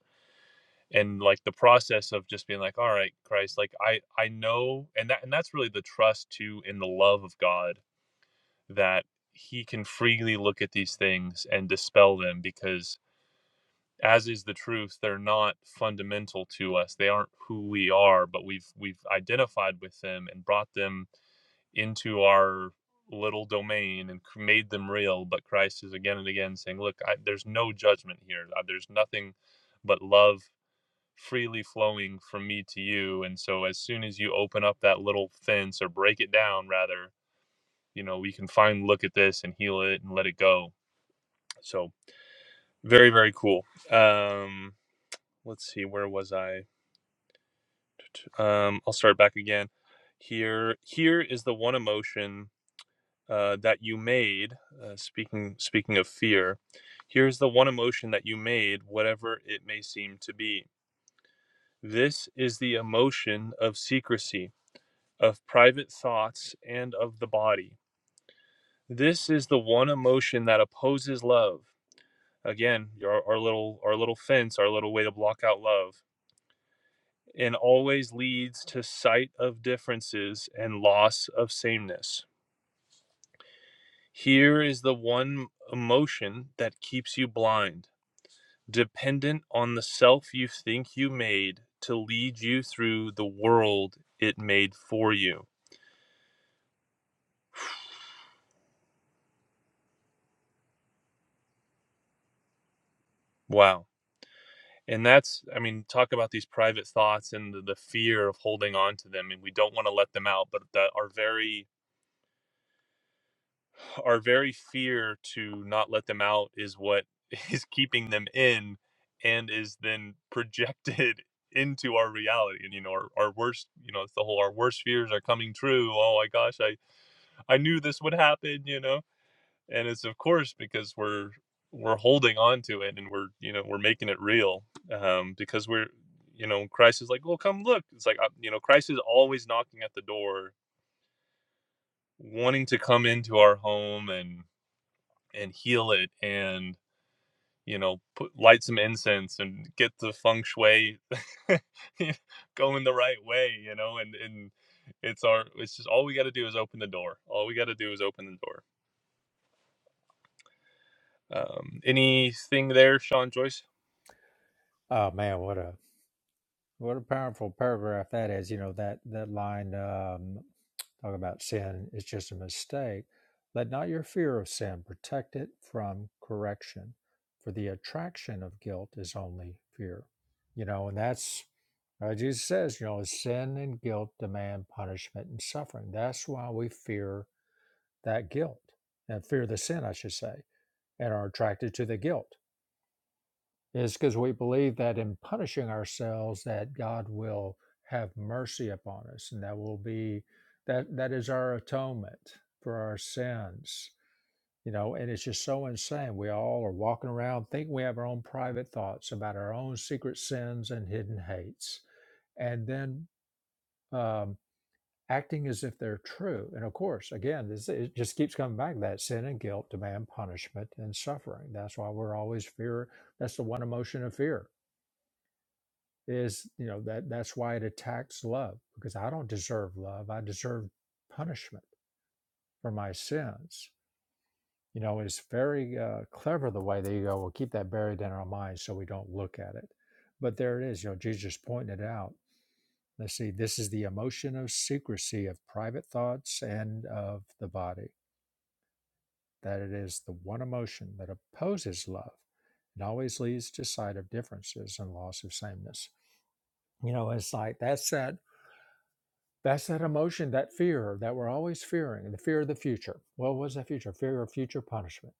S3: and like the process of just being like all right christ like i i know and that and that's really the trust too in the love of god that he can freely look at these things and dispel them because as is the truth they're not fundamental to us they aren't who we are but we've we've identified with them and brought them into our little domain and made them real but christ is again and again saying look I, there's no judgment here Uh, there's nothing but love freely flowing from me to you. And so as soon as you open up that little fence or break it down, rather, you know, we can find look at this and heal it and let it go. So very, very cool. Um, let's see, where was I? Um, I'll start back again. Here, here is the one emotion uh, that you made. Uh, speaking, speaking of fear, here's the one emotion that you made, whatever it may seem to be. This is the emotion of secrecy. of private thoughts and of the body. This is the one emotion that opposes love. Again, our, our little our little fence, our little way to block out love, and always leads to sight of differences and loss of sameness. Here is the one emotion that keeps you blind, dependent on the self you think you made to lead you through the world it made for you. Wow. and that's i mean talk about these private thoughts and the, the fear of holding on to them and we don't want to let them out but that our very our very fear to not let them out is what is keeping them in and is then projected into our reality and you know our, our worst you know it's the whole our worst fears are coming true oh my gosh i i knew this would happen you know and it's of course because we're we're holding on to it and we're you know we're making it real um because we're you know christ is like well come look it's like uh, you know christ is always knocking at the door wanting to come into our home and and heal it and you know put light some incense and get the feng shui going the right way you know and and it's our it's just all we got to do is open the door all we got to do is open the door um anything there sean joyce
S2: Oh man, what a what a powerful paragraph that is. You know that that line um, talk about sin is just a mistake. Let not your fear of sin protect it from correction, for the attraction of guilt is only fear. You know, and that's uh, Jesus says. You know, sin and guilt demand punishment and suffering. That's why we fear that guilt and fear the sin, I should say and are attracted to the guilt. It's because we believe that in punishing ourselves, that God will have mercy upon us, and that will be that that is our atonement for our sins. You know, and it's just so insane. We all are walking around thinking we have our own private thoughts about our own secret sins and hidden hates, and then. Um, acting as if they're true. And of course, again, this, it just keeps coming back to that sin and guilt demand punishment and suffering. That's why we're always fear. That's the one emotion of fear is, you know, that that's why it attacks love because I don't deserve love. I deserve punishment for my sins. You know, it's very uh, clever the way that you go, we'll keep that buried in our minds so we don't look at it. But there it is, you know, Jesus pointed it out. Let's see, this is the emotion of secrecy of private thoughts and of the body that it is the one emotion that opposes love and always leads to sight of differences and loss of sameness. You know, it's like that's that that's that emotion, that fear that we're always fearing, the fear of the future. Well, what's that future? Fear of future punishment,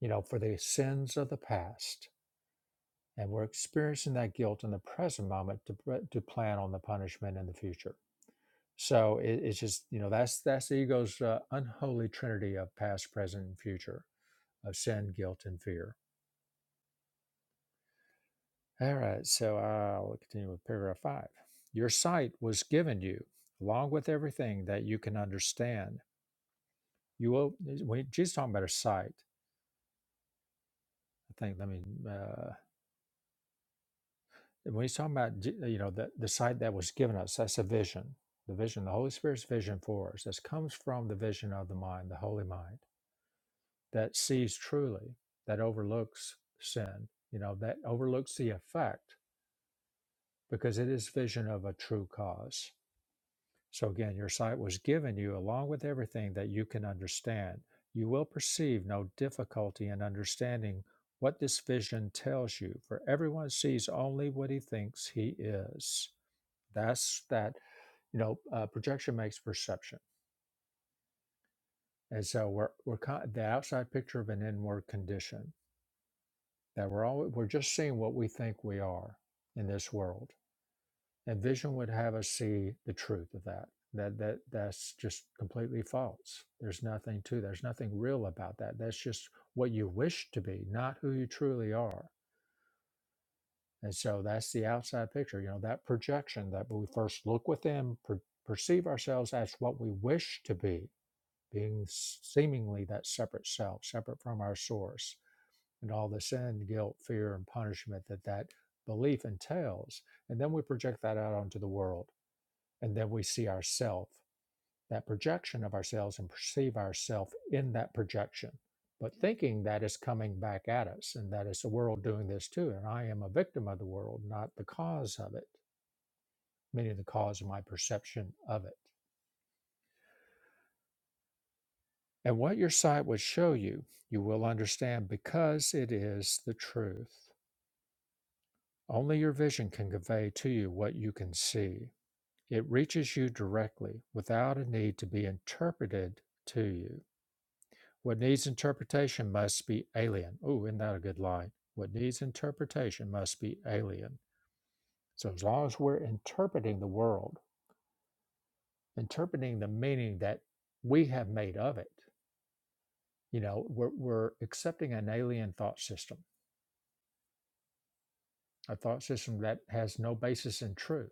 S2: you know, for the sins of the past. And we're experiencing that guilt in the present moment to, to plan on the punishment in the future. So it, it's just, you know, that's that's the ego's uh, unholy trinity of past, present, and future of sin, guilt, and fear All right, so I'll continue with paragraph five. Your sight was given you, along with everything that you can understand. You will. eh, When Jesus is talking about our sight, I think. Let me. Uh, when he's talking about J- you know the the sight that was given us, that's a vision. The vision, the Holy Spirit's vision for us. This comes from the vision of the mind, the holy mind that sees truly, that overlooks sin. You know that overlooks the effect because it is vision of a true cause So again, your sight was given you along with everything that you can understand. You will perceive no difficulty in understanding what this vision tells you, for everyone sees only what he thinks he is. That's that, you know, uh, projection makes perception. And so we're, we're con- the outside picture of an inward condition that we're all, we're just seeing what we think we are in this world And vision would have us see the truth of that. That that that's just completely false. There's nothing to. There's nothing real about that. That's just what you wish to be, not who you truly are. And so that's the outside picture. You know that projection that we first look within, per, perceive ourselves as what we wish to be, being seemingly that separate self, separate from our source, and all the sin, guilt, fear, and punishment that that belief entails. And then we project that out onto the world and then we see ourselves, that projection of ourselves and perceive ourselves in that projection but thinking that is coming back at us and that it's the world doing this too and i am a victim of the world not the cause of it meaning the cause of my perception of it and what your sight would show you you will understand because it is the truth only your vision can convey to you what you can see it reaches you directly without a need to be interpreted to you What needs interpretation must be alien. Ooh, isn't that a good line? What needs interpretation must be alien. So as long as we're interpreting the world, interpreting the meaning that we have made of it, you know, we're, we're accepting an alien thought system, a thought system that has no basis in truth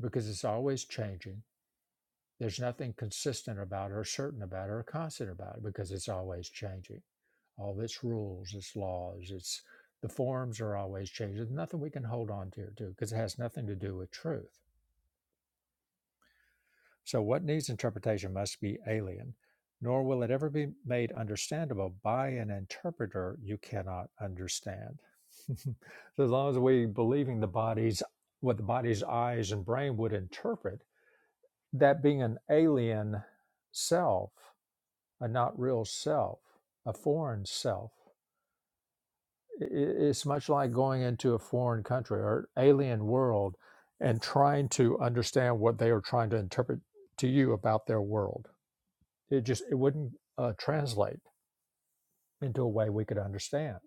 S2: because it's always changing There's nothing consistent about her, certain about her, or constant about it because it's always changing. All its rules, its laws, its the forms are always changing. There's nothing we can hold on to to because it has nothing to do with truth. So what needs interpretation must be alien, nor will it ever be made understandable by an interpreter you cannot understand. so as long as we believing the body's what the body's eyes and brain would interpret, that being an alien self a not real self, a foreign self. I- i- It's much like going into a foreign country or alien world and trying to understand what they are trying to interpret to you about their world. It just it wouldn't uh, translate into a way we could understand.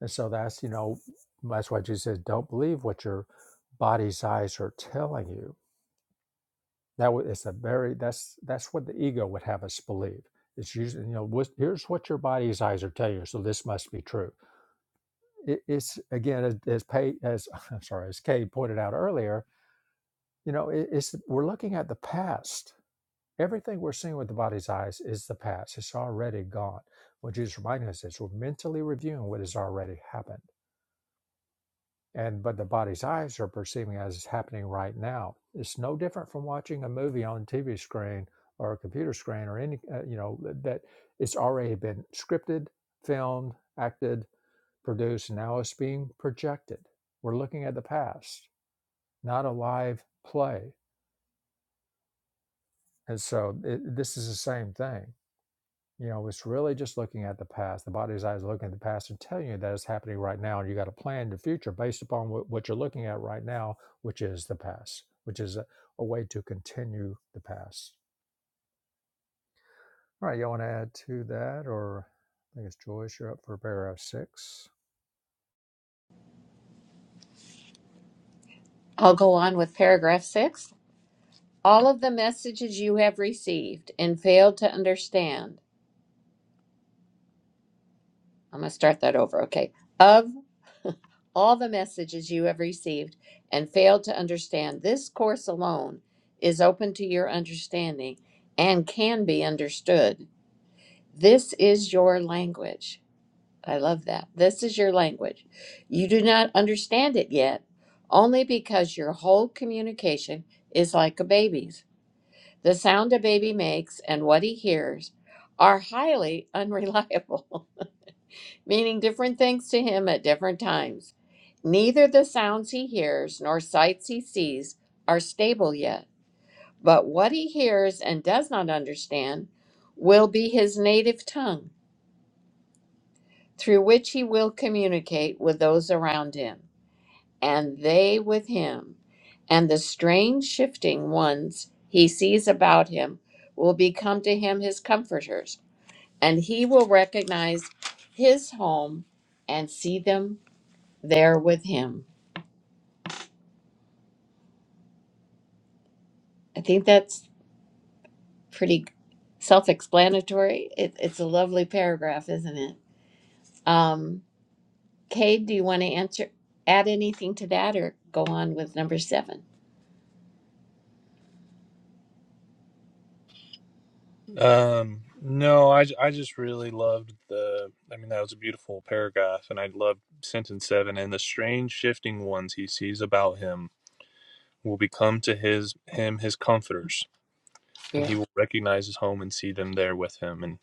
S2: And so that's you know that's why Jesus says, "Don't believe what your body's eyes are telling you." That wa- it's a very that's that's what the ego would have us believe. It's usually you know what's- here's what your body's eyes are telling you, so this must be true it, it's again as as, Pay, as I'm sorry as Kay pointed out earlier. You know, it, it's we're looking at the past. Everything we're seeing with the body's eyes is the past. It's already gone. What Jesus reminding us is we're mentally reviewing what has already happened, and but the body's eyes are perceiving as it's happening right now. It's no different from watching a movie on TV screen or a computer screen or any uh, you know that it's already been scripted, filmed, acted, produced now is being projected we're looking at the past not a live play and so it, this is the same thing you know it's really just looking at the past the body's eyes are looking at the past and telling you that it's happening right now and you got to plan the future based upon what, what you're looking at right now which is the past which is a, a way to continue the past all right you want to add to that or i think it's joyce you're up for paragraph six
S1: I'll go on with paragraph six. All of the messages you have received and failed to understand. I'm gonna start that over. Okay. Of all the messages you have received and failed to understand, this course alone is open to your understanding and can be understood. This is your language. I love that. This is your language. You do not understand it yet, only because your whole communication is like a baby's. The sound a baby makes and what he hears are highly unreliable. meaning different things to him at different times. Neither the sounds he hears nor sights he sees are stable yet, but what he hears and does not understand will be his native tongue, through which he will communicate with those around him, and they with him. And the strange shifting ones he sees about him will become to him his comforters, and he will recognize his home and see them there with him. I think that's pretty self explanatory. It, it's a lovely paragraph, isn't it? Um, Cade, do you want to answer, add anything to that or go on with number seven?
S3: Um, no, I I just really loved the. I mean, that was a beautiful paragraph, and I loved sentence seven. And the strange shifting ones he sees about him will become to his him his comforters, and he
S1: Yeah.
S3: will recognize his home and see them there with him. And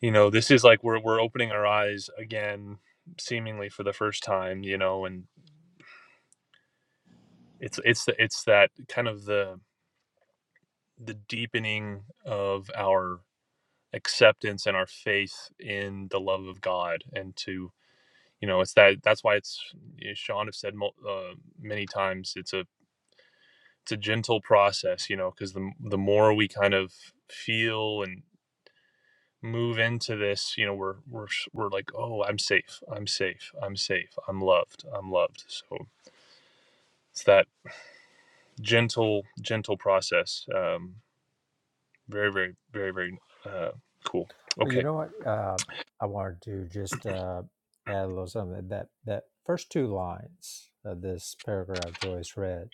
S3: you know, this is like we're we're opening our eyes again, seemingly for the first time. You know, and it's it's the, it's that kind of the the deepening of our acceptance and our faith in the love of God and to you know it's that that's why it's you sean have said uh, many times it's a it's a gentle process you know because the, the more we kind of feel and move into this you know we're we're we're like oh i'm safe i'm safe i'm safe i'm loved i'm loved so it's that gentle gentle process um very very very very uh cool
S2: Well, you
S3: okay
S2: know what? Uh, I wanted to just uh, add a little something that that first two lines of this paragraph Joyce read.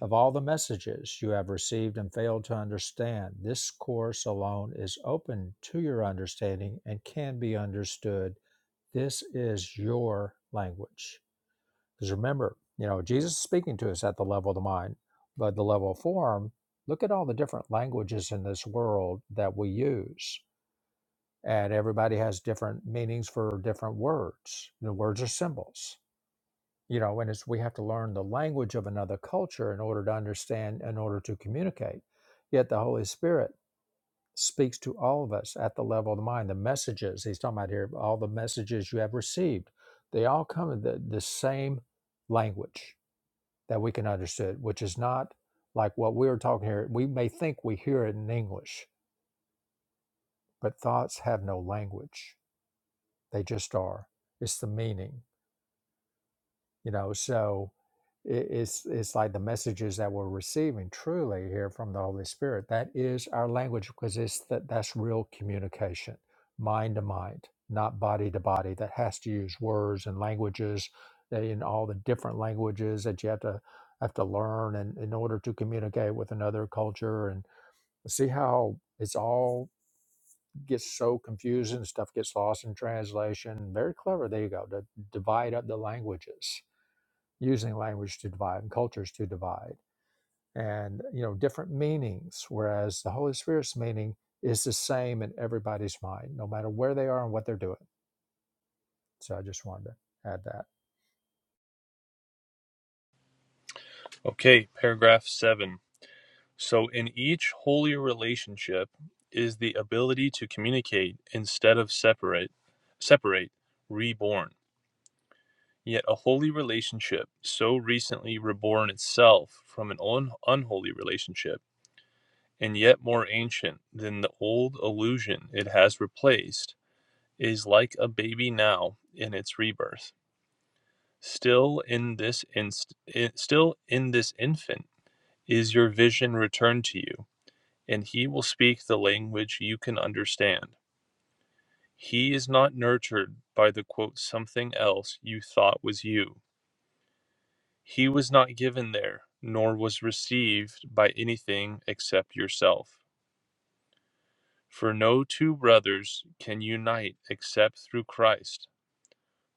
S2: Of all the messages you have received and failed to understand, this course alone is open to your understanding and can be understood. This is your language. Because remember, you know, Jesus is speaking to us at the level of the mind, but the level of form, look at all the different languages in this world that we use and everybody has different meanings for different words. The words are symbols, you know, and it's we have to learn the language of another culture in order to understand, in order to communicate. Yet the Holy Spirit speaks to all of us at the level of the mind. The messages he's talking about here, all the messages you have received, they all come in the, the same language that we can understand, which is not like what we are talking here. We may think we hear it in English, but thoughts have no language They just are. It's the meaning, you know. So it, it's it's like the messages that we're receiving truly here from the Holy Spirit. That is our language because it's that that's real communication, mind to mind, not body to body. That has to use words and languages that in all the different languages that you have to have to learn and in in order to communicate with another culture and see how it's all gets so confusing, stuff gets lost in translation. Very clever, there you go, to divide up the languages, using language to divide and cultures to divide, and you know, different meanings, whereas the Holy Spirit's meaning is the same in everybody's mind, no matter where they are and what they're doing. So I just wanted to add that.
S3: okay paragraph seven So, in each holy relationship is the ability to communicate instead of separate, separate, reborn. Yet, a holy relationship so recently reborn itself from an un- unholy relationship, and yet more ancient than the old illusion it has replaced, is like a baby now in its rebirth. Still in this inst- i- still in this infant is your vision returned to you and he will speak the language you can understand. He is not nurtured by the quote something else you thought was you. He was not given there, nor was received by anything except yourself. For no two brothers can unite except through Christ,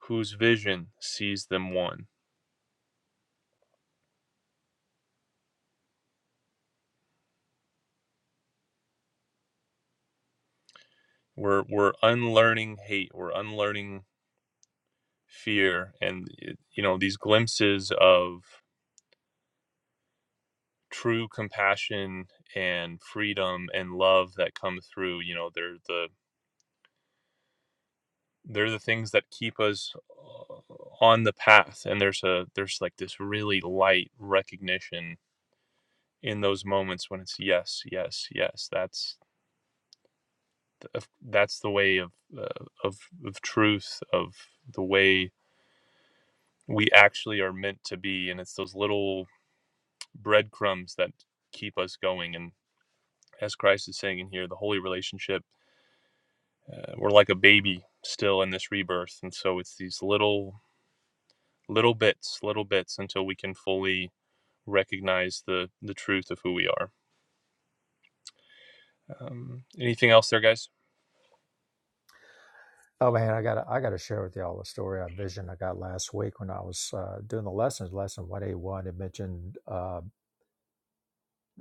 S3: whose vision sees them one. We're, we're unlearning hate, we're unlearning fear, and you know, these glimpses of true compassion and freedom and love that come through you know they're the they're the things that keep us uh, on the path and there's a there's like this really light recognition in those moments when it's yes yes yes that's that's the way of uh, of of truth of the way we actually are meant to be and it's those little breadcrumbs that keep us going and as Christ is saying in here the holy relationship uh, we're like a baby still in this rebirth and so it's these little little bits little bits until we can fully recognize the the truth of who we are um, anything else there guys
S2: Oh man, I gotta I gotta share with y'all the story I vision I got last week when I was uh, doing the lessons, lesson one eighty one. It mentioned uh,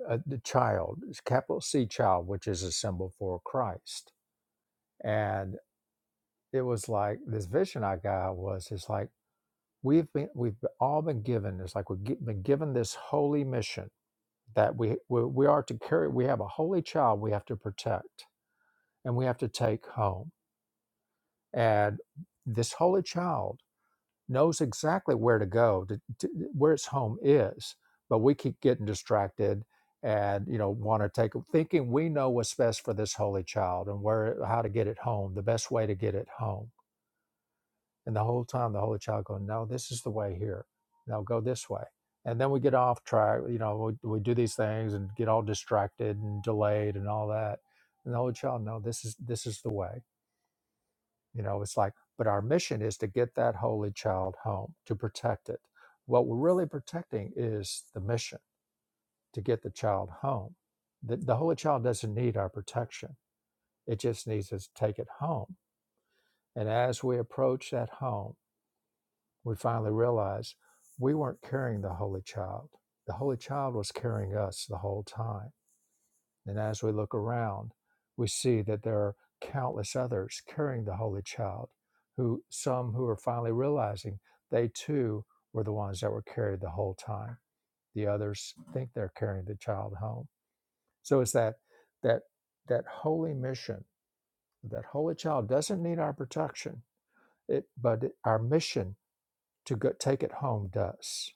S2: uh, the child, it's capital C child, which is a symbol for Christ and it was like this vision I got was it's like we've been we've all been given it's like we've gi- been given this holy mission that we, we we are to carry we have a holy child we have to protect and we have to take home and this holy child knows exactly where to go to, to, where its home is but we keep getting distracted and you know want to take thinking we know what's best for this holy child and where how to get it home the best way to get it home And the whole time, the Holy Child going, no, this is the way here. No, go this way. And then we get off track. You know, we, we do these things and get all distracted and delayed and all that. And the Holy Child, no, this is this is the way. You know, it's like, but our mission is to get that Holy Child home to protect it. What we're really protecting is the mission to get the child home. The, the Holy Child doesn't need our protection; it just needs us to take it home. And as we approach that home we finally realized we weren't carrying the Holy Child. The Holy Child was carrying us the whole time. And as we look around, we see that there are countless others carrying the Holy Child, who some who are finally realizing they too were the ones that were carried the whole time. The others think they're carrying the child home. So it's that that that holy mission, that holy child doesn't need our protection, it, but our mission to go, take it home does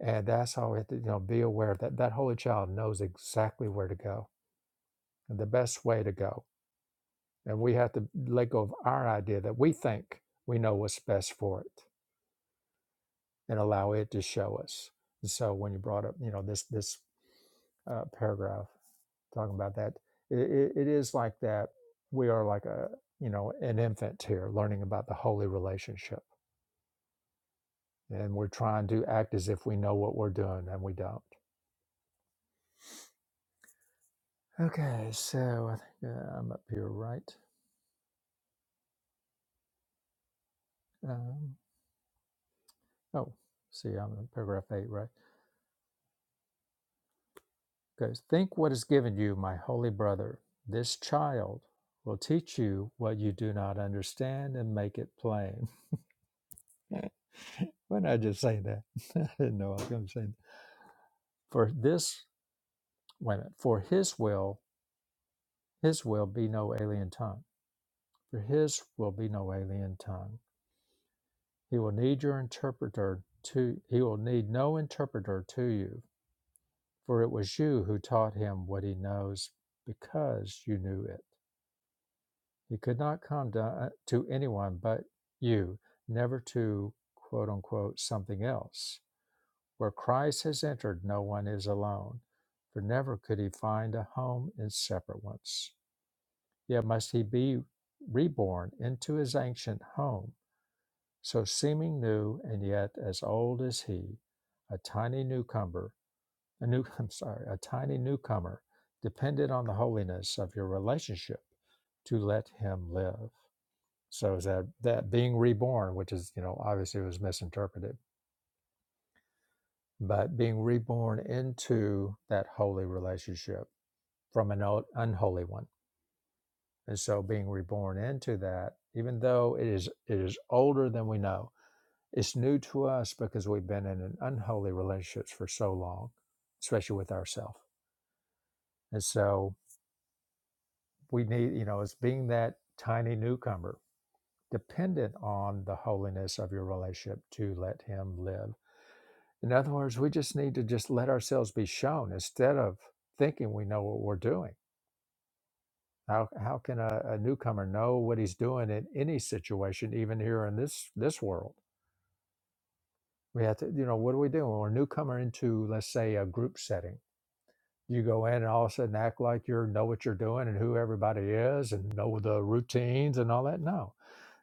S2: And that's how we have to, you know, be aware that that holy child knows exactly where to go and the best way to go. And we have to let go of our idea that we think we know what's best for it and allow it to show us. And so when you brought up, you know, this this uh, paragraph talking about that, it, it is like that. We are like a, you know, an infant here learning about the holy relationship. And we're trying to act as if we know what we're doing and we don't. Okay, so I think uh, I'm up here, right? Um, oh, see, I'm in paragraph eight, right? Goes, think what is given you, my holy brother. This child will teach you what you do not understand and make it plain. Why did I just say that? I didn't know I was going to say that. For this, wait a minute, for his will, his will be no alien tongue. For his will be no alien tongue. He will need your interpreter to, he will need no interpreter to you For it was you who taught him what he knows because you knew it. He could not come to, to anyone but you, never to quote unquote something else. Where Christ has entered, no one is alone, for never could he find a home in separate ones. Yet must he be reborn into his ancient home, so seeming new and yet as old as he, a tiny newcomer a new I'm sorry, a tiny newcomer depended on the holiness of your relationship to let him live. So is that that being reborn, which is, you know, obviously was misinterpreted, but being reborn into that holy relationship from an un- unholy one. And so being reborn into that, even though it is it is older than we know, it's new to us because we've been in an unholy relationships for so long, especially with ourselves. And so we need, you know, as being that tiny newcomer, dependent on the holiness of your relationship to let Him live. In other words, we just need to just let ourselves be shown instead of thinking we know what we're doing. How, how can a, a newcomer know what he's doing in any situation, even here in this this world? We have to, you know, what do we do when we're a newcomer into, let's say, a group setting? You go in and all of a sudden act like you know what you're doing and who everybody is and know the routines and all that. No,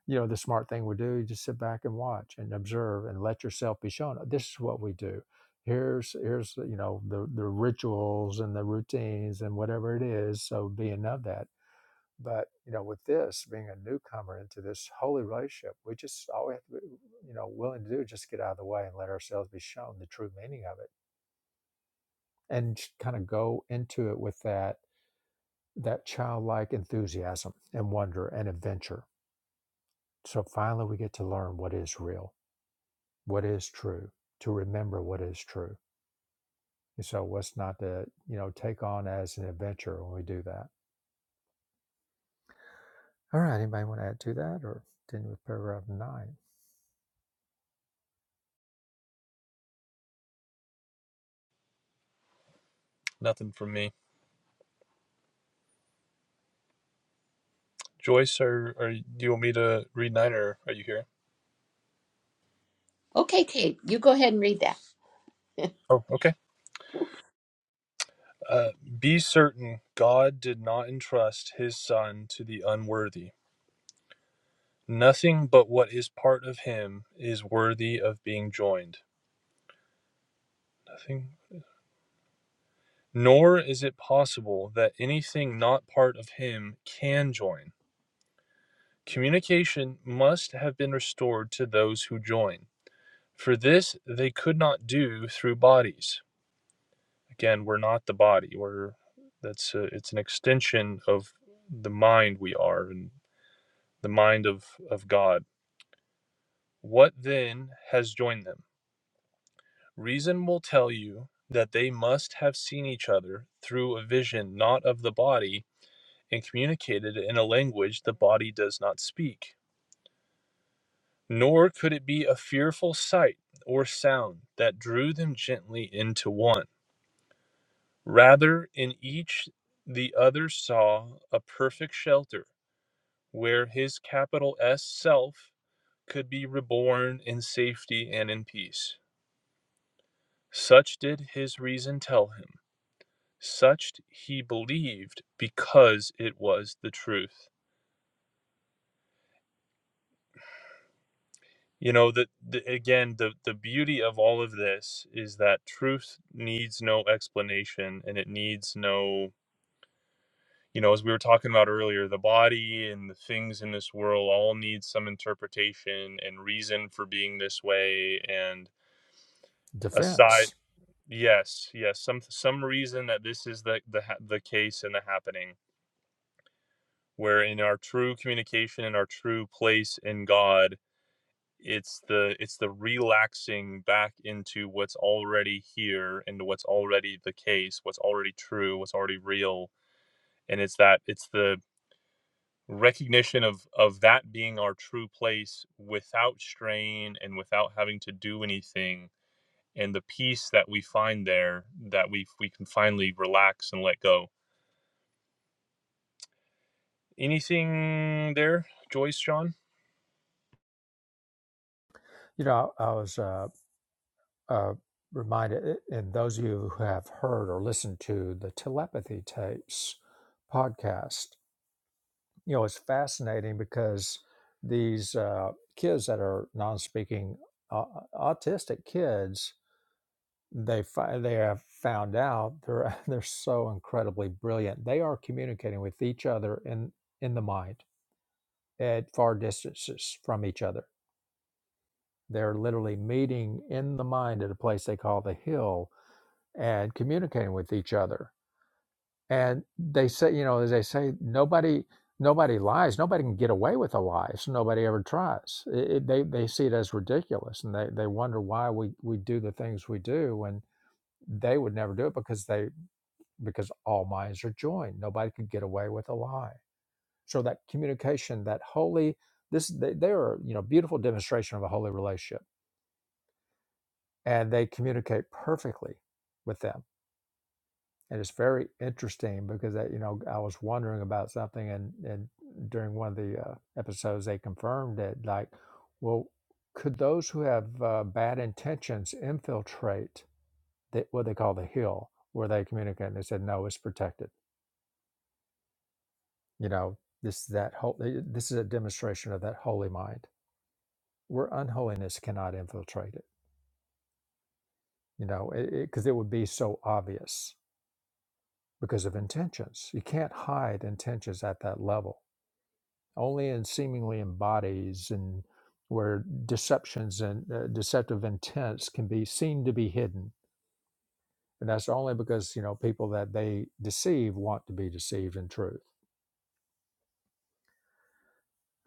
S2: you know the smart thing we do you just sit back and watch and observe and let yourself be shown "Oh, this is what we do here's here's you know the the rituals and the routines and whatever it is so being of that but you know with this being a newcomer into this holy relationship we just all we have to be you know willing to do is just get out of the way and let ourselves be shown the true meaning of it and kind of go into it with that that childlike enthusiasm and wonder and adventure so finally we get to learn what is real what is true, to remember what is true. And so what's not to, you know, take on as an adventure when we do that. All right, anybody want to add to that or continue with paragraph nine?
S3: nothing from me joyce are, are do you want me to read nine or are you here
S1: Okay, Cade, you go ahead and read that.
S3: oh okay uh, be certain god did not entrust his son to the unworthy nothing but what is part of him is worthy of being joined nothing Nor is it possible that anything not part of him can join. Communication must have been restored to those who join. For this they could not do through bodies. Again, we're not the body. We're that's a, it's an extension of the mind we are and the mind of, of God. What then has joined them? Reason will tell you that they must have seen each other through a vision not of the body and communicated in a language the body does not speak. Nor could it be a fearful sight or sound that drew them gently into one. Rather, in each the other saw a perfect shelter where his capital S self could be reborn in safety and in peace. Such did his reason tell him. Such he believed because it was the truth. You know, the, the again, the the beauty of all of this is that truth needs no explanation and it needs no, you know, as we were talking about earlier, the body and the things in this world all need some interpretation and reason for being this way and aside
S2: Defense.
S3: yes, yes, some some reason that this is the the ha- the case and the happening where in our true communication and our true place in God it's the it's the relaxing back into what's already here into what's already the case what's already true what's already real and it's that it's the recognition of of that being our true place without strain and without having to do anything and the peace that we find there that we we can finally relax and let go Anything there, Joyce, Sean?
S2: You know, I, I was uh, uh, reminded, and those of you who have heard or listened to the telepathy tapes podcast, you know, it's fascinating because these uh, kids that are non speaking uh, autistic kids they fi- they have found out they're they're so incredibly brilliant. They are communicating with each other in in the mind at far distances from each other. They're literally meeting in the mind at a place they call the hill and communicating with each other. And they say, you know, as they say, nobody nobody lies. Nobody can get away with a lie. So nobody ever tries. It, it- they they see it as ridiculous, and they they wonder why we we do the things we do when they would never do it because they because all minds are joined. Nobody could get away with a lie. So that communication, that holy, this they, they are you know beautiful demonstration of a holy relationship, and they communicate perfectly with them. And it's very interesting because that you know I was wondering about something, and and during one of the uh, episodes they confirmed it. Like, well, could those who have uh, bad intentions infiltrate the, what they call the hill where they communicate? And they said no, it's protected you know this that whole this is a demonstration of that holy mind where unholiness cannot infiltrate it you know because it, it would be so obvious because of intentions you can't hide intentions at that level only in seemingly in bodies and where deceptions and uh, deceptive intents can be seen to be hidden and that's only because you know people that they deceive want to be deceived in truth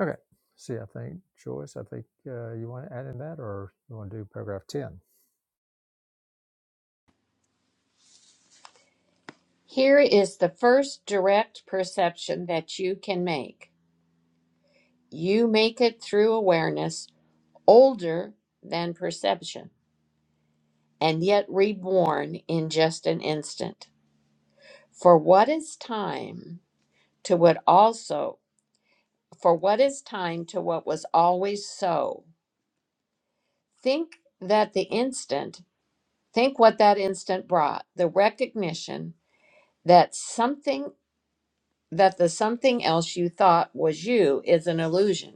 S2: okay see i think joyce i think uh, you want to add in that or you want to do paragraph 10
S1: Here is the first direct perception that you can make. You make it through awareness, older than perception, and yet reborn in just an instant. For what is time to what also, for what is time to what was always so? Think that the instant, think what that instant brought the recognition that something, that the something else you thought was you is an illusion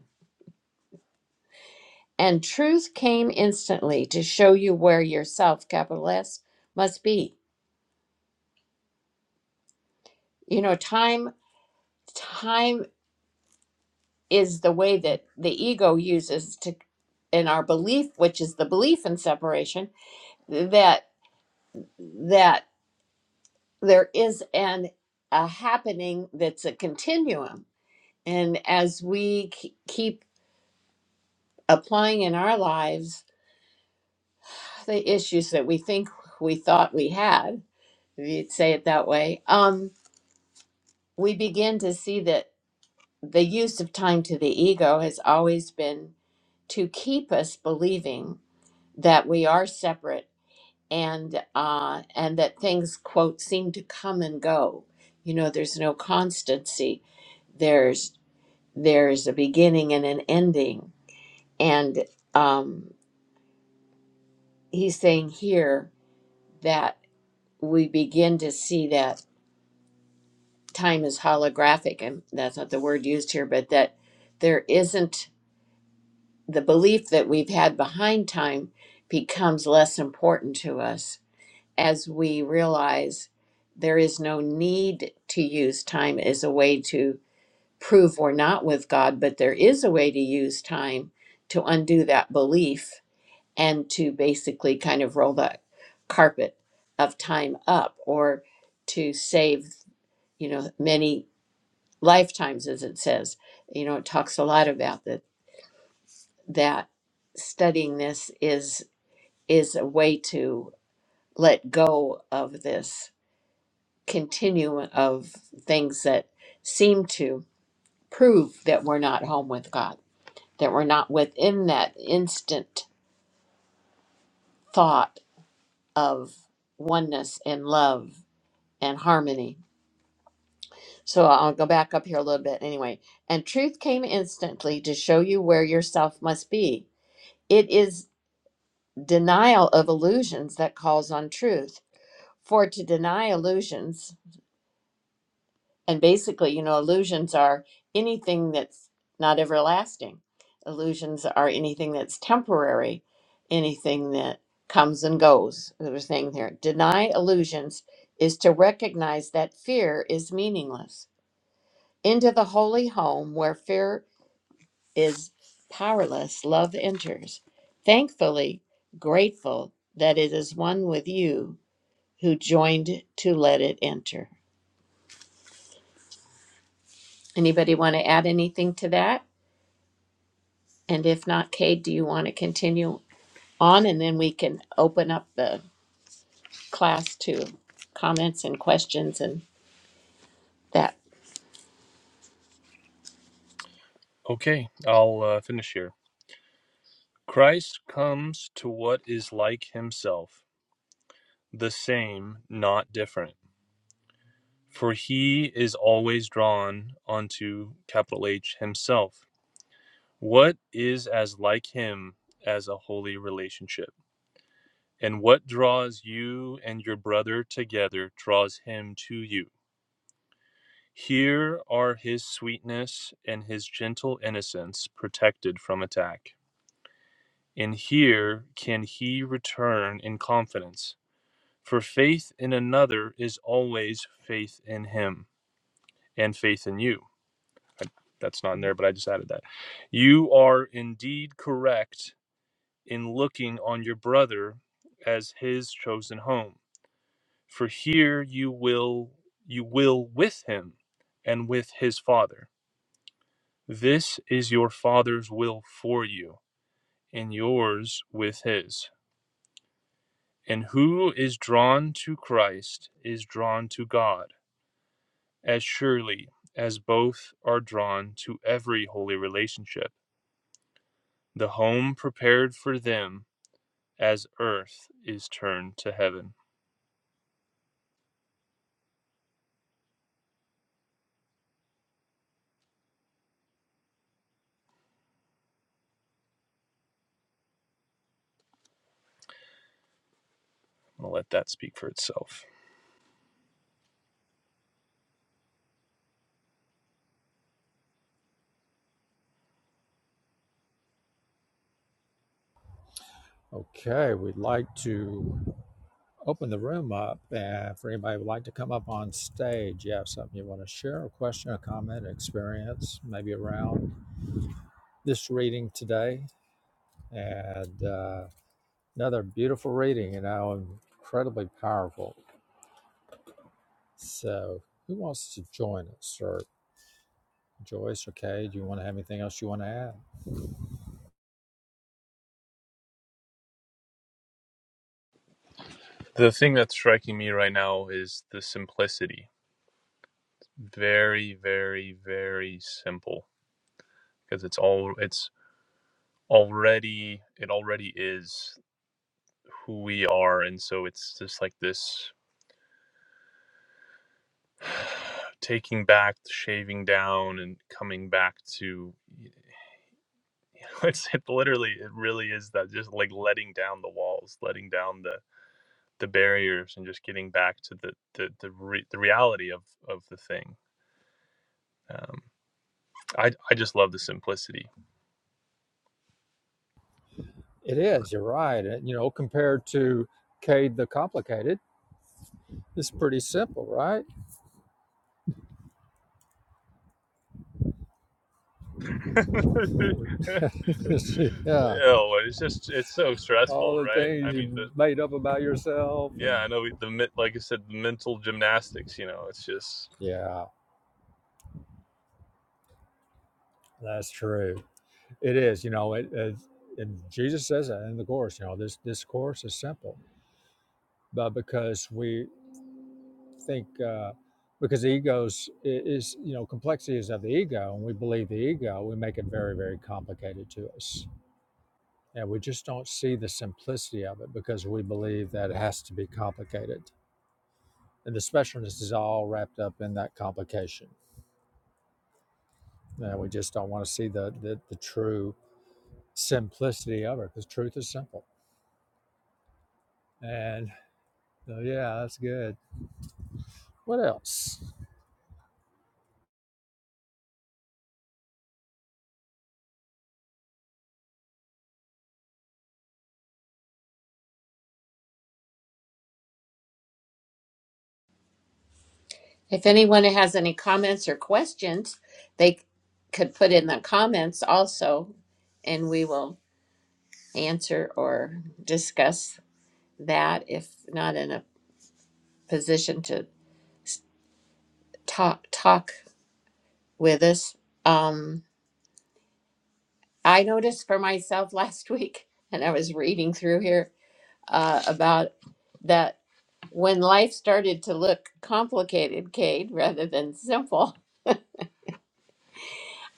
S1: And truth came instantly to show you where yourself, capital S, must be. You know, time time is the way that the ego uses to in our belief, which is the belief in separation, that that there is an a happening that's a continuum. And as we k- keep applying in our lives the issues that we think we thought we had, if you'd say it that way, um, we begin to see that. the use of time to the ego has always been to keep us believing that we are separate and uh, and that things quote seem to come and go. You know, there's no constancy. There's there's a beginning and an ending, and um, he's saying here that we begin to see that time is holographic, and that's not the word used here, but that there isn't the belief that we've had behind time becomes less important to us as we realize there is no need to use time as a way to prove we're not with God, but there is a way to use time to undo that belief and to basically kind of roll the carpet of time up or to save, you know, many lifetimes, as it says. You know, it talks a lot about that, that studying this is is a way to let go of this continuum of things that seem to prove that we're not home with God, that we're not within that instant thought of oneness and love and harmony. So I'll go back up here a little bit anyway. And truth came instantly to show you where yourself must be. It is denial of illusions that calls on truth. For to deny illusions and basically, you know, illusions are anything that's not everlasting. Illusions are anything that's temporary, anything that comes and goes. They were saying here, deny illusions is to recognize that fear is meaningless. Into the holy home where fear is powerless, love enters. Thankfully, grateful that it is one with you who joined to let it enter. Anybody want to add anything to that? And if not, Kate, do you want to continue on and then we can open up the class to comments and questions and that.
S3: Okay, I'll uh, finish here. Christ comes to what is like himself, the same, not different. for he is always drawn unto capital H himself. What is as like him as a holy relationship? And what draws you and your brother together draws him to you. Here are his sweetness and his gentle innocence protected from attack. And here can he return in confidence. For faith in another is always faith in him and faith in you I, that's not in there, but I just added that. You are indeed correct in looking on your brother as his chosen home, for here you will you will with him and with his father. This is your father's will for you, and yours with his. And who is drawn to Christ is drawn to God, as surely as both are drawn to every holy relationship the home prepared for them as earth is turned to heaven. I'm going to let that speak for itself.
S2: Okay, we'd like to open the room up and for anybody who would like to come up on stage, you have something you want to share, a question, a comment, experience, maybe around this reading today. And uh, another beautiful reading, you know, incredibly powerful. So, who wants to join us? Or Joyce or Kay, do you want to have anything else you want to add?
S3: The thing that's striking me right now is the simplicity. Very, very, very simple because it's all, it's already, it already is who we are. And so it's just like this taking back, shaving down, and coming back to, you know, it's it literally, it really is that just like letting down the walls, letting down the the barriers and just getting back to the the the, re- the reality of of the thing. Um, I I just love the simplicity.
S2: It is, you're right. It, you know, compared to Cade the Complicated, it's pretty simple, right? Just, yeah,
S3: Oh, it's just it's so
S2: all
S3: stressful,
S2: the
S3: right?
S2: things
S3: I mean the
S2: you made up about yourself,
S3: yeah,
S2: and
S3: I know the like I said, the mental gymnastics. You know, it's just.
S2: yeah, that's true. It is, you know, it, it and Jesus says that in the course. You know, this this course is simple, but because we think uh, because the egos i- is you know complexity is of the ego, and we believe the ego, we make it very very complicated to us, and we just don't see the simplicity of it because we believe that it has to be complicated, and the specialness is all wrapped up in that complication Uh, we just don't want to see the, the, the true simplicity of it because truth is simple. And so, yeah, that's good. What else?
S1: If anyone has any comments or questions, they could put in the comments also and we will answer or discuss that if not in a position to talk talk with us. Um I noticed for myself last week and I was reading through here uh about that When life started to look complicated, Cade, rather than simple,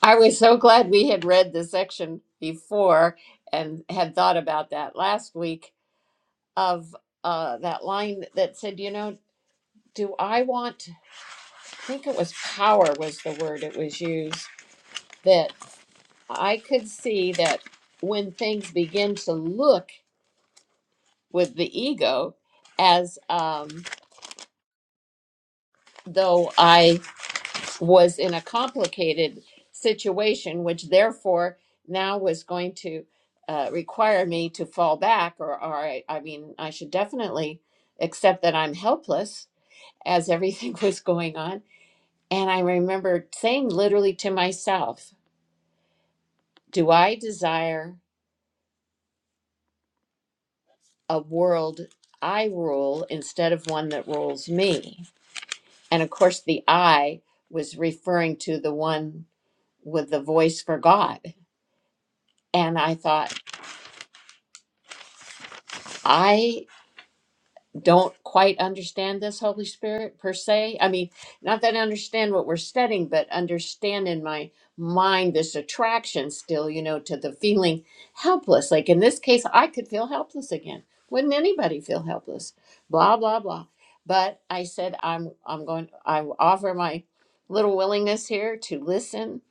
S1: I was so glad we had read the section before and had thought about that last week of uh, that line that said, you know, do I want, I think it was power was the word it was used, that I could see that when things begin to look with the ego as um, though I was in a complicated situation, which therefore now was going to uh, require me to fall back, or, or I, I mean, I should definitely accept that I'm helpless as everything was going on. And I remember saying literally to myself, Do I desire a world I rule instead of one that rules me? And of course, the I was referring to the one with the voice for God. And I thought, I don't quite understand this Holy Spirit per se. I mean, not that I understand what we're studying, but understand in my mind this attraction still, you know, to the feeling helpless. Like in this case, I could feel helpless again. Wouldn't anybody feel helpless? Blah blah blah. But I said I'm I'm going I offer my little willingness here to listen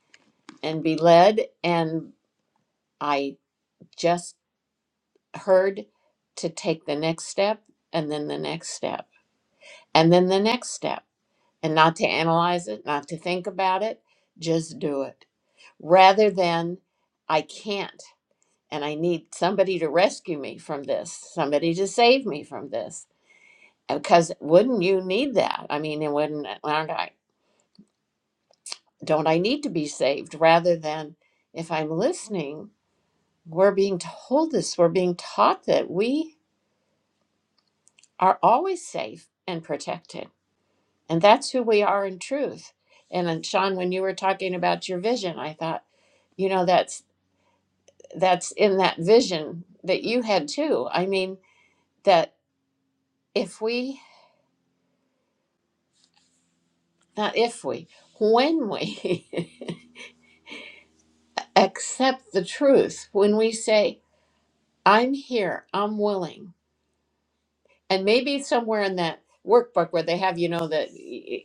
S1: and be led and I just heard to take the next step and then the next step and then the next step, and not to analyze it, not to think about it, just do it. Rather than, I can't, and I need somebody to rescue me from this, somebody to save me from this. Because wouldn't you need that? I mean, and wouldn't, aren't I, don't I need to be saved? Rather than, if I'm listening, we're being told this, we're being taught that we are always safe and protected And that's who we are in truth. And then Sean, when you were talking about your vision, I thought, you know, that's that's in that vision that you had too. I mean, that if we not if we, when we accept the truth, when we say, I'm here, I'm willing, and maybe somewhere in that workbook where they have, you know, that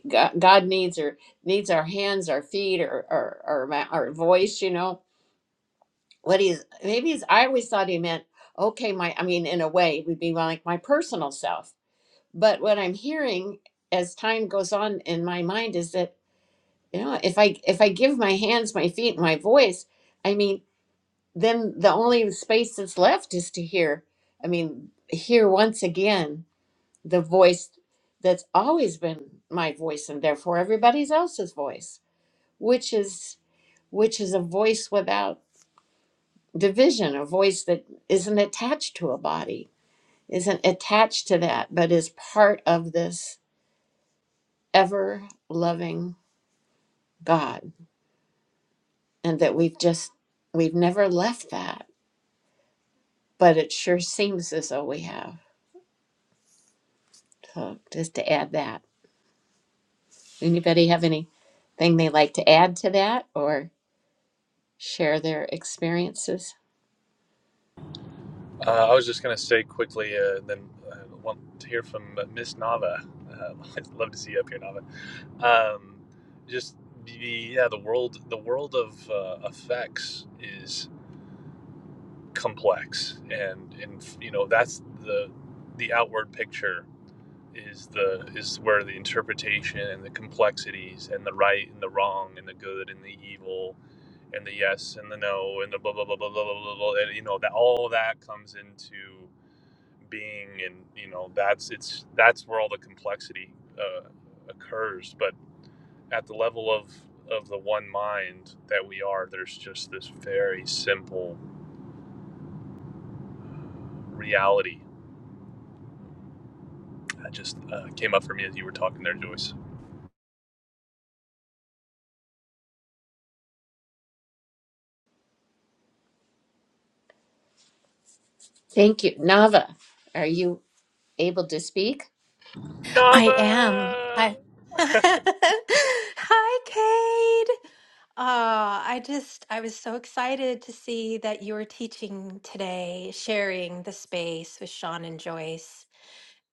S1: God God needs or needs our hands, our feet, or or, or my- our voice, you know, what he's maybe he's I always thought he meant okay my I mean in a way it would be like my personal self but what I'm hearing as time goes on in my mind is that you know if I if I give my hands my feet my voice I mean then the only space that's left is to hear I mean hear once again the voice that's always been my voice and therefore everybody's else's voice which is which is a voice without division, a voice that isn't attached to a body, isn't attached to that, but is part of this ever loving God. And that we've just, we've never left that, but it sure seems as though we have. So just to add that. Anybody have anything they like to add to that or share their experiences?
S3: Uh, I was just gonna say quickly, uh, then uh, want to hear from uh, Miss Nava. Uh, I'd love to see you up here, Nava. Um, just the yeah, the world, the world of uh, effects is complex and and you know that's the the outward picture is the is where the interpretation and the complexities and the right and the wrong and the good and the evil and the yes and the no and the blah blah blah blah blah blah blah, blah and you know that all that comes into being and you know that's it's that's where all the complexity uh, occurs but at the level of of the one mind that we are there's just this very simple reality That just uh, came up for me as you were talking there, Joyce.
S1: Thank you. Nava, are you able to speak?
S4: I am.
S3: Nava.
S4: I Hi, Cade. Uh, I just I was so excited to see that you were teaching today, sharing the space with Sean and Joyce,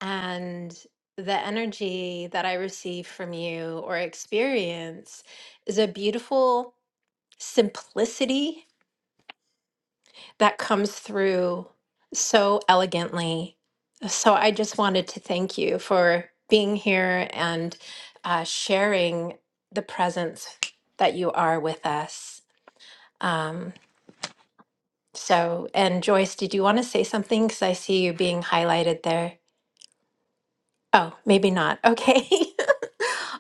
S4: and the energy that I receive from you or experience is a beautiful simplicity that comes through so elegantly. So I just wanted to thank you for being here and uh, sharing the presence that you are with us. Um, so, and Joyce, did you want to say something? Because I see you being highlighted there. Oh, maybe not. Okay.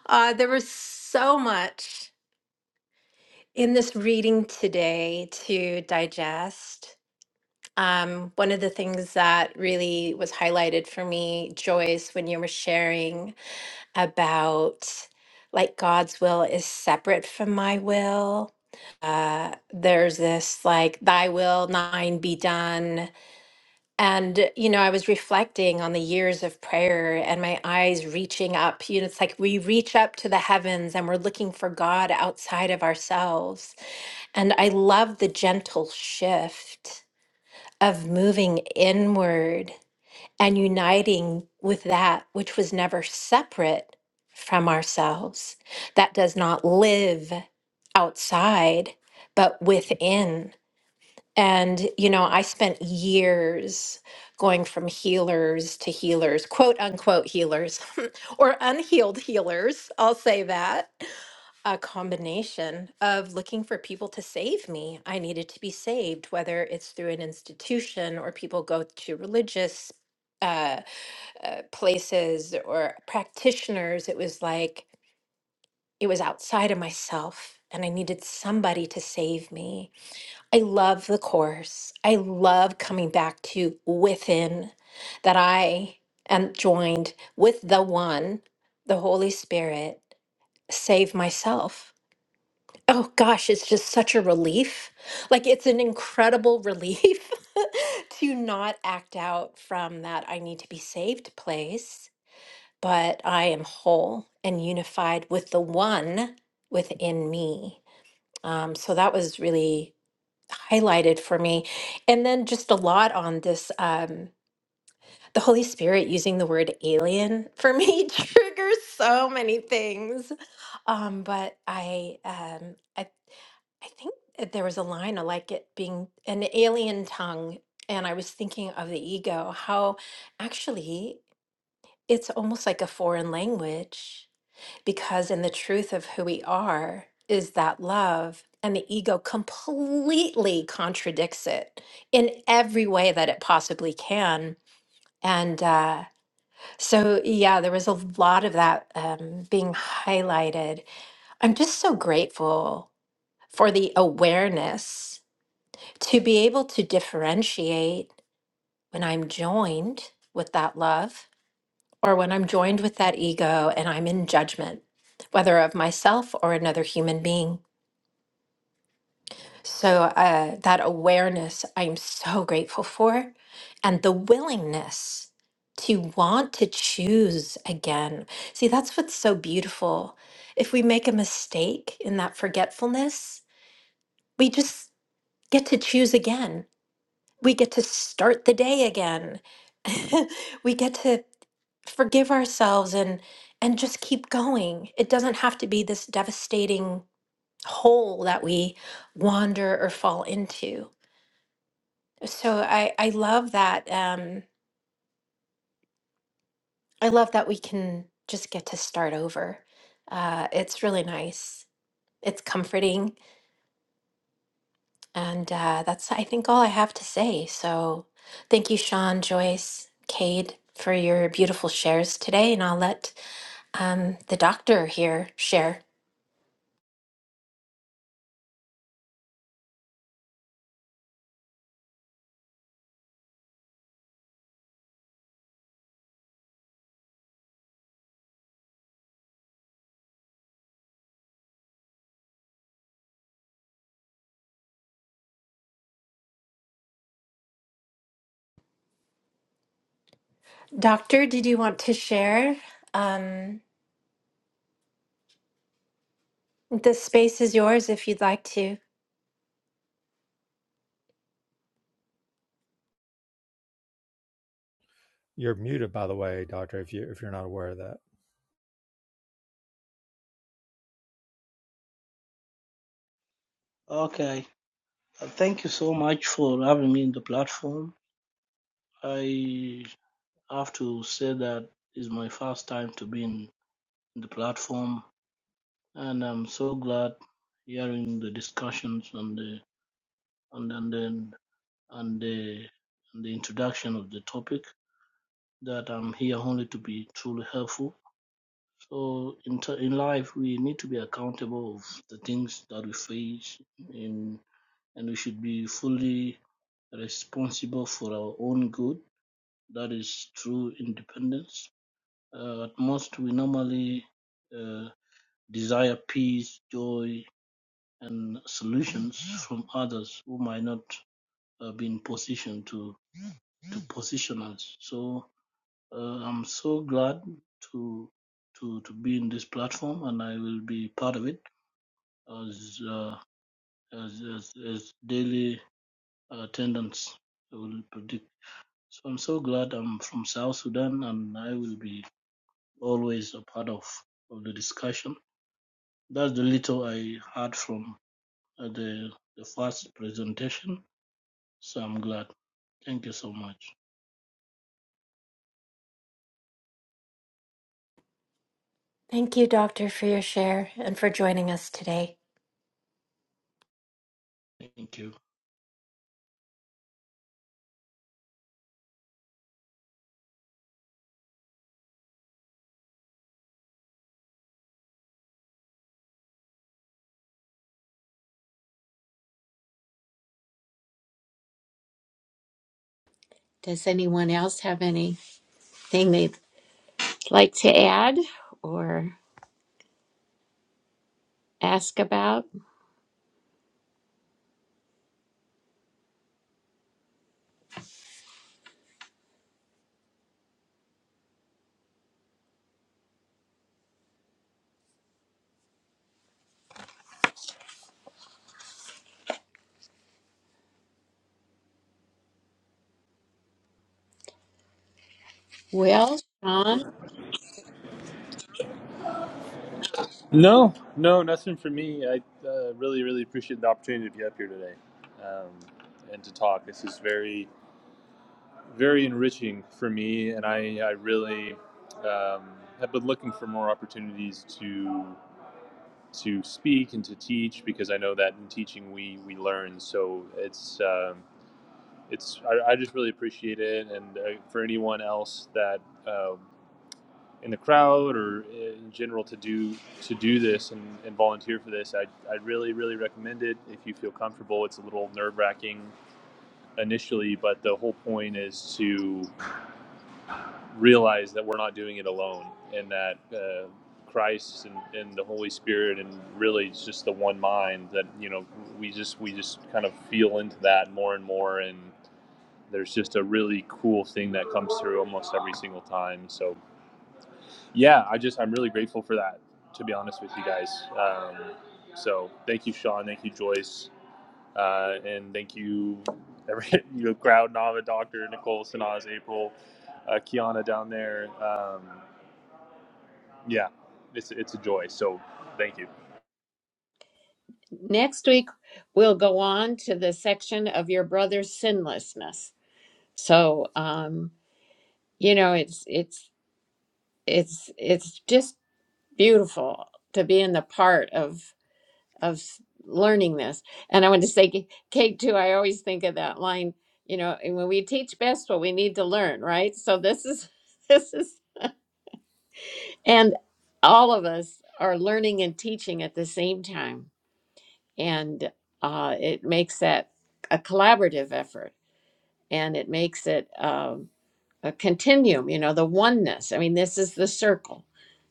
S4: uh, there was so much in this reading today to digest. Um, one of the things that really was highlighted for me, Joyce, when you were sharing about like God's will is separate from my will. Uh, there's this like, thy will, thine be done. And, you know, I was reflecting on the years of prayer and my eyes reaching up. You know, it's like we reach up to the heavens and we're looking for God outside of ourselves. And I love the gentle shift of moving inward and uniting with that which was never separate from ourselves, that does not live outside, but within. And, you know, I spent years going from healers to healers, quote unquote healers, or unhealed healers. I'll say that. A combination of looking for people to save me. I needed to be saved, whether it's through an institution or people go to religious uh, uh, places or practitioners. It was like it was outside of myself, and I needed somebody to save me. I love the course. I love coming back to within that I am joined with the one, the Holy Spirit, save myself. Oh gosh, it's just such a relief. Like it's an incredible relief to not act out from that I need to be saved place, but I am whole and unified with the one within me. Um, so that was really highlighted for me. And then just a lot on this um the Holy Spirit using the word alien for me triggers so many things. Um but I um I I think that there was a line I like it being an alien tongue and I was thinking of the ego how actually it's almost like a foreign language because in the truth of who we are is that love and the ego completely contradicts it in every way that it possibly can and uh, so yeah there was a lot of that um, being highlighted i'm just so grateful for the awareness to be able to differentiate when i'm joined with that love or when i'm joined with that ego and i'm in judgment whether of myself or another human being So, uh, that awareness I'm so grateful for, and the willingness to want to choose again. See, that's what's so beautiful. If we make a mistake in that forgetfulness, we just get to choose again. We get to start the day again. we get to forgive ourselves and and just keep going. It doesn't have to be this devastating hole that we wander or fall into. So I I love that um I love that we can just get to start over. Uh it's really nice. It's comforting and uh that's I think all I have to say. So thank you Sean, Joyce, Cade for your beautiful shares today and I'll let um the doctor here share. Doctor, did you want to share? Um this space is yours if you'd like to.
S2: You're muted, by the way, Doctor. If you if you're not aware of that.
S5: Okay. Uh, Thank you so much for having me in the platform. I have to say that it's my first time to be in, in the platform, and I'm so glad hearing the discussions and the and and then and the and the introduction of the topic. That I'm here only to be truly helpful. So in t- in life, we need to be accountable of the things that we face in and we should be fully responsible for our own good. That is true independence. Uh, at most, we normally uh, desire peace, joy, and solutions from others who might not uh, be in position to, to position us. So uh, I'm so glad to to to be in this platform, and I will be part of it as uh, as, as as daily attendance. I will So I'm so glad I'm from South Sudan and I will be always a part of, of the discussion. That's the little I heard from uh, the, the first presentation. So I'm glad. Thank you so much.
S4: Thank you doctor for your share and for joining us today.
S5: Thank you.
S1: Does anyone else have anything they'd like to add or? ask about? Well, Sean,
S3: No, no, nothing for me. I uh, really, really appreciate the opportunity to be up here today um, and to talk. This is very, very enriching for me, and I, I really um, have been looking for more opportunities to to speak and to teach because I know that in teaching we we learn. So it's um, it's I, I just really appreciate it, and uh, for anyone else that. Um, in the crowd or in general to do to do this and, and volunteer for this, I I really really recommend it if you feel comfortable. It's a little nerve wracking initially, but the whole point is to realize that we're not doing it alone, and that uh, Christ and, and the Holy Spirit, and really it's just the one mind that you know we just we just kind of feel into that more and more, and there's just a really cool thing that comes through almost every single time. So yeah, I just I'm really grateful for that. To be honest with you guys, um, so thank you, Sean. Thank you, Joyce, uh, and thank you, every you know, crowd, Nava, Doctor Nicole, Sanaz, April, uh, Kiana down there. Um, yeah, it's it's a joy. So thank you.
S1: next week we'll go on to the section of your brother's sinlessness. So, um, you know, it's it's it's it's just beautiful to be in the part of of learning this. And I want to say, Kate, too. I always think of that line. You know, and when we teach best what we need to learn, right? So this is this is, and all of us are learning and teaching at the same time and uh, it makes that a collaborative effort and it makes it um, a continuum you know the oneness i mean this is the circle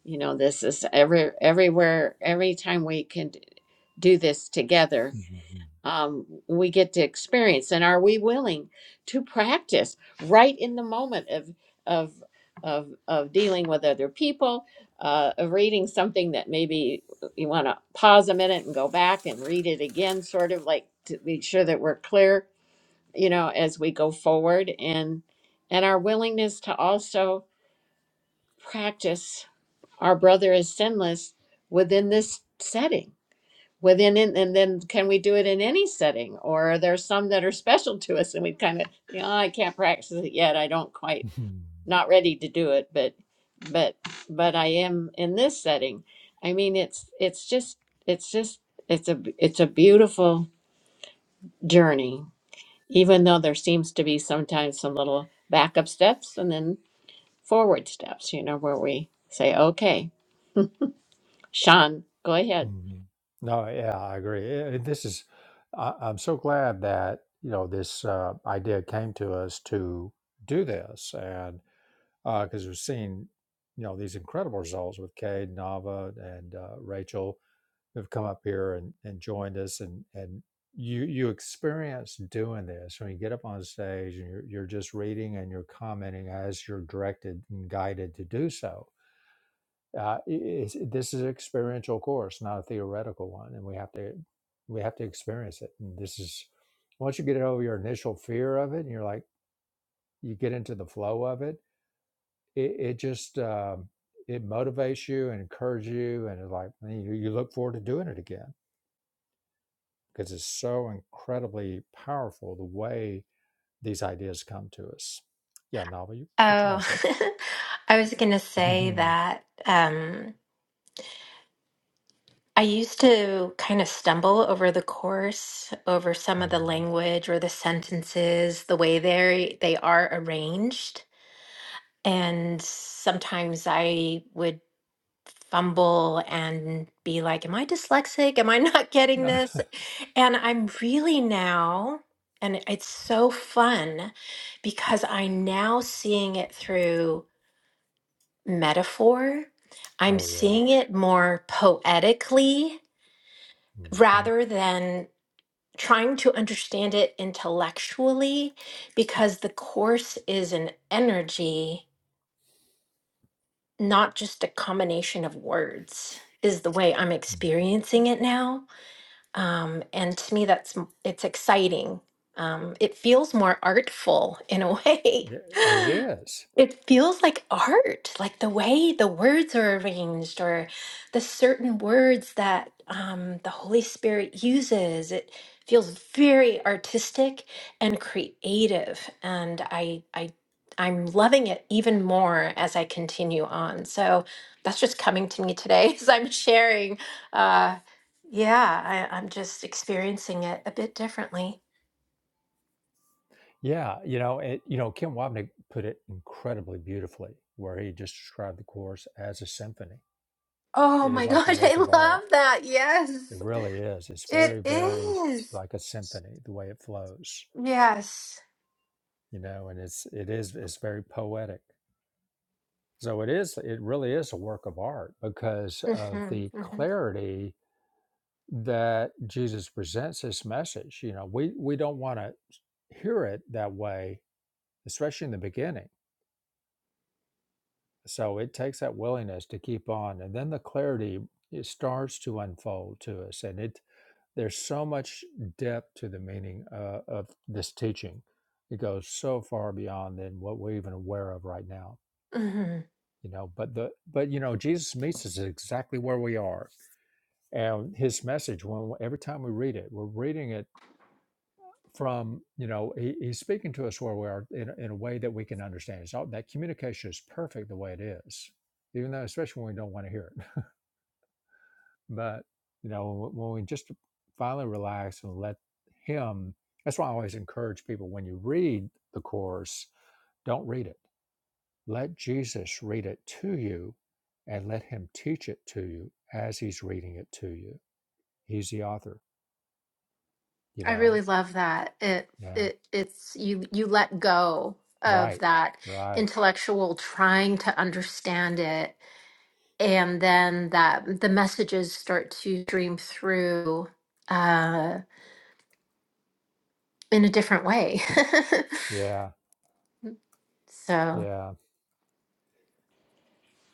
S1: you know this is every everywhere every time we can d- do this together um, we get to experience and are we willing to practice right in the moment of of of, of dealing with other people uh, of reading something that maybe you want to pause a minute and go back and read it again sort of like to be sure that we're clear you know as we go forward and and our willingness to also practice our brother is sinless within this setting within it, and then can we do it in any setting or are there some that are special to us and we kind of you know i can't practice it yet i don't quite not ready to do it but but but i am in this setting i mean it's it's just it's just it's a it's a beautiful journey even though there seems to be sometimes some little backup steps and then forward steps you know where we say okay sean go ahead
S2: no, yeah, I agree. Eh, eh, This is. I, I'm so glad that you know this uh, idea came to us to do this, and because we've seen you know these incredible results with Cade, Nava, and uh, Rachel, have come up here and, and joined us and and you you experience doing this when you get up on stage and you're, you're just reading and you're commenting as you're directed and guided to do so uh, it's, this is an experiential course not a theoretical one and we have to we have to experience it and this is once you get over your initial fear of it and you're like you get into the flow of it it, it just um, it motivates you and encourages you and it's like you, you look forward to doing it again because it's so incredibly powerful the way these ideas come to us. Yeah, Nava, you, what you want
S4: Oh,
S2: to say?
S4: I was going to say
S2: Mhm.
S4: that um, I used to kind of stumble over the course, over some of the
S2: Mhm.
S4: language or the sentences, the way they they are arranged, and sometimes I would fumble and be like, "Am I dyslexic? Am I not getting
S2: No.
S4: this?" And I'm really now, and it's so fun because I'm now seeing it through. metaphor. I'm
S2: oh yeah.
S4: seeing it more poetically
S2: hmm
S4: rather than trying to understand it intellectually because the course is an energy, not just a combination of words, is the way I'm experiencing it now. um, and to me that's m- it's exciting um, it feels more artful in a way
S2: yeah, it is.
S4: it feels like art like the way the words are arranged or the certain words that um, the holy spirit uses it feels very artistic and creative and i i i'm loving it even more as i continue on so that's just coming to me today as i'm sharing uh, yeah, I, I'm just experiencing it a bit differently.
S2: Yeah, you know, it, you know, Kim Wapnick put it incredibly beautifully, where he just described the course as a symphony.
S4: Oh
S2: It is
S4: my
S2: like a
S4: gosh, I
S2: work of
S4: love
S2: art.
S4: that.
S2: It
S4: Yes,
S2: really is. It's
S4: it
S2: very, very
S4: is.
S2: like a symphony, the way it flows,
S4: Yes.
S2: you know, and it's it is it's very poetic So it is, it really is a work of art because of
S4: hmm
S2: the
S4: hmm
S2: clarity that Jesus presents his message. You know, we, we don't want to hear it that way, especially in the beginning. So it takes that willingness to keep on. And then the clarity it starts to unfold to us. And it there's so much depth to the meaning uh, of this teaching. It goes so far beyond than what we're even aware of right now.
S4: hmm
S2: You know, but the but you know, Jesus meets us exactly where we are and his message when every time we read it we're reading it from you know he, he's speaking to us where we are in, a- in a way that we can understand it's all, that communication is perfect the way it is even though especially when we don't want to hear it but you know when we just finally relax and let him that's why i always encourage people when you read the course don't read it let jesus read it to you and let him teach it to you as he's reading it to you he's the author you
S4: I
S2: know
S4: really love that. It
S2: yeah
S4: it it's you you let go of
S2: Right.
S4: that
S2: Right.
S4: intellectual trying to understand it, and then that the messages start to stream through uh, in a different way.
S2: Yeah.
S4: So.
S2: Yeah.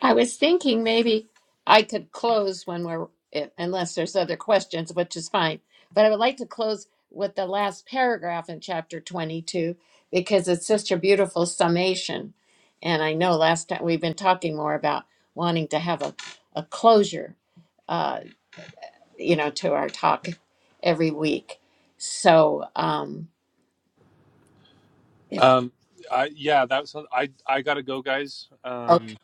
S1: I was thinking maybe I could close when we're, if- unless there's other questions, which is fine. But I would like to close with the last paragraph in chapter 22 because it's such a beautiful summation. And I know last time we've been talking more about wanting to have a, a closure, uh, you know, to our talk every week. So um, if,
S3: Um, I yeah, that was I I gotta go, guys.
S1: o-
S3: Um,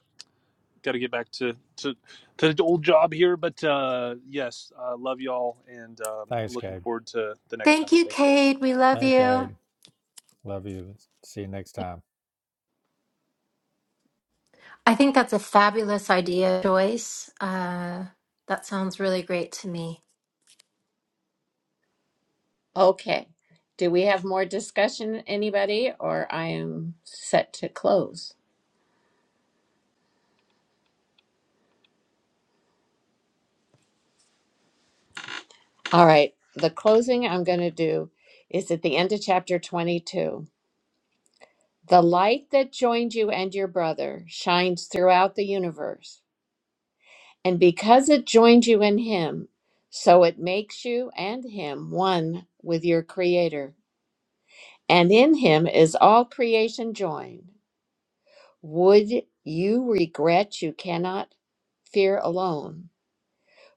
S3: gotta get back to to to the old job here, but uh, yes, uh, love y'all, and um, I'm
S2: Thanks,
S3: looking
S2: Gabe.
S3: forward to the next time.
S4: Thank you,
S3: Thanks, guys.
S4: Kate. We love
S2: Thank
S4: you.
S2: Gabe. Love you. See you next time.
S4: I think that's a fabulous idea, Joyce. Uh, that sounds really great to me.
S1: okay. Do we have more discussion, anybody, or I am set to close? All right. The closing I'm going to do is at the end of chapter 22. The light that joined you and your brother shines throughout the universe. And because it joined you in him, so it makes you and him one with your creator. And in him is all creation joined. Would you regret you cannot fear alone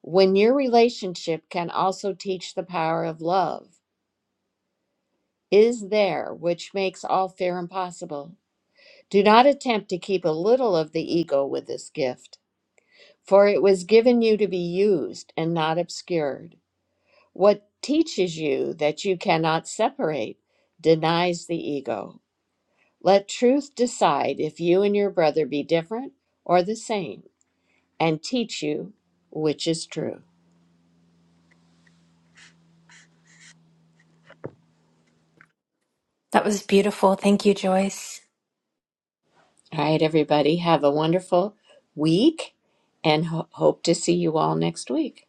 S1: when your relationship can also teach the power of love? is there which makes all fear impossible? Do not attempt to keep a little of the ego with this gift, for it was given you to be used and not obscured. What teaches you that you cannot separate denies the ego. Let truth decide if you and your brother be different or the same, and teach you which is true.
S4: That was beautiful. Thank you, Joyce.
S1: All right, everybody, have a wonderful week and ho- hope to see you all next week.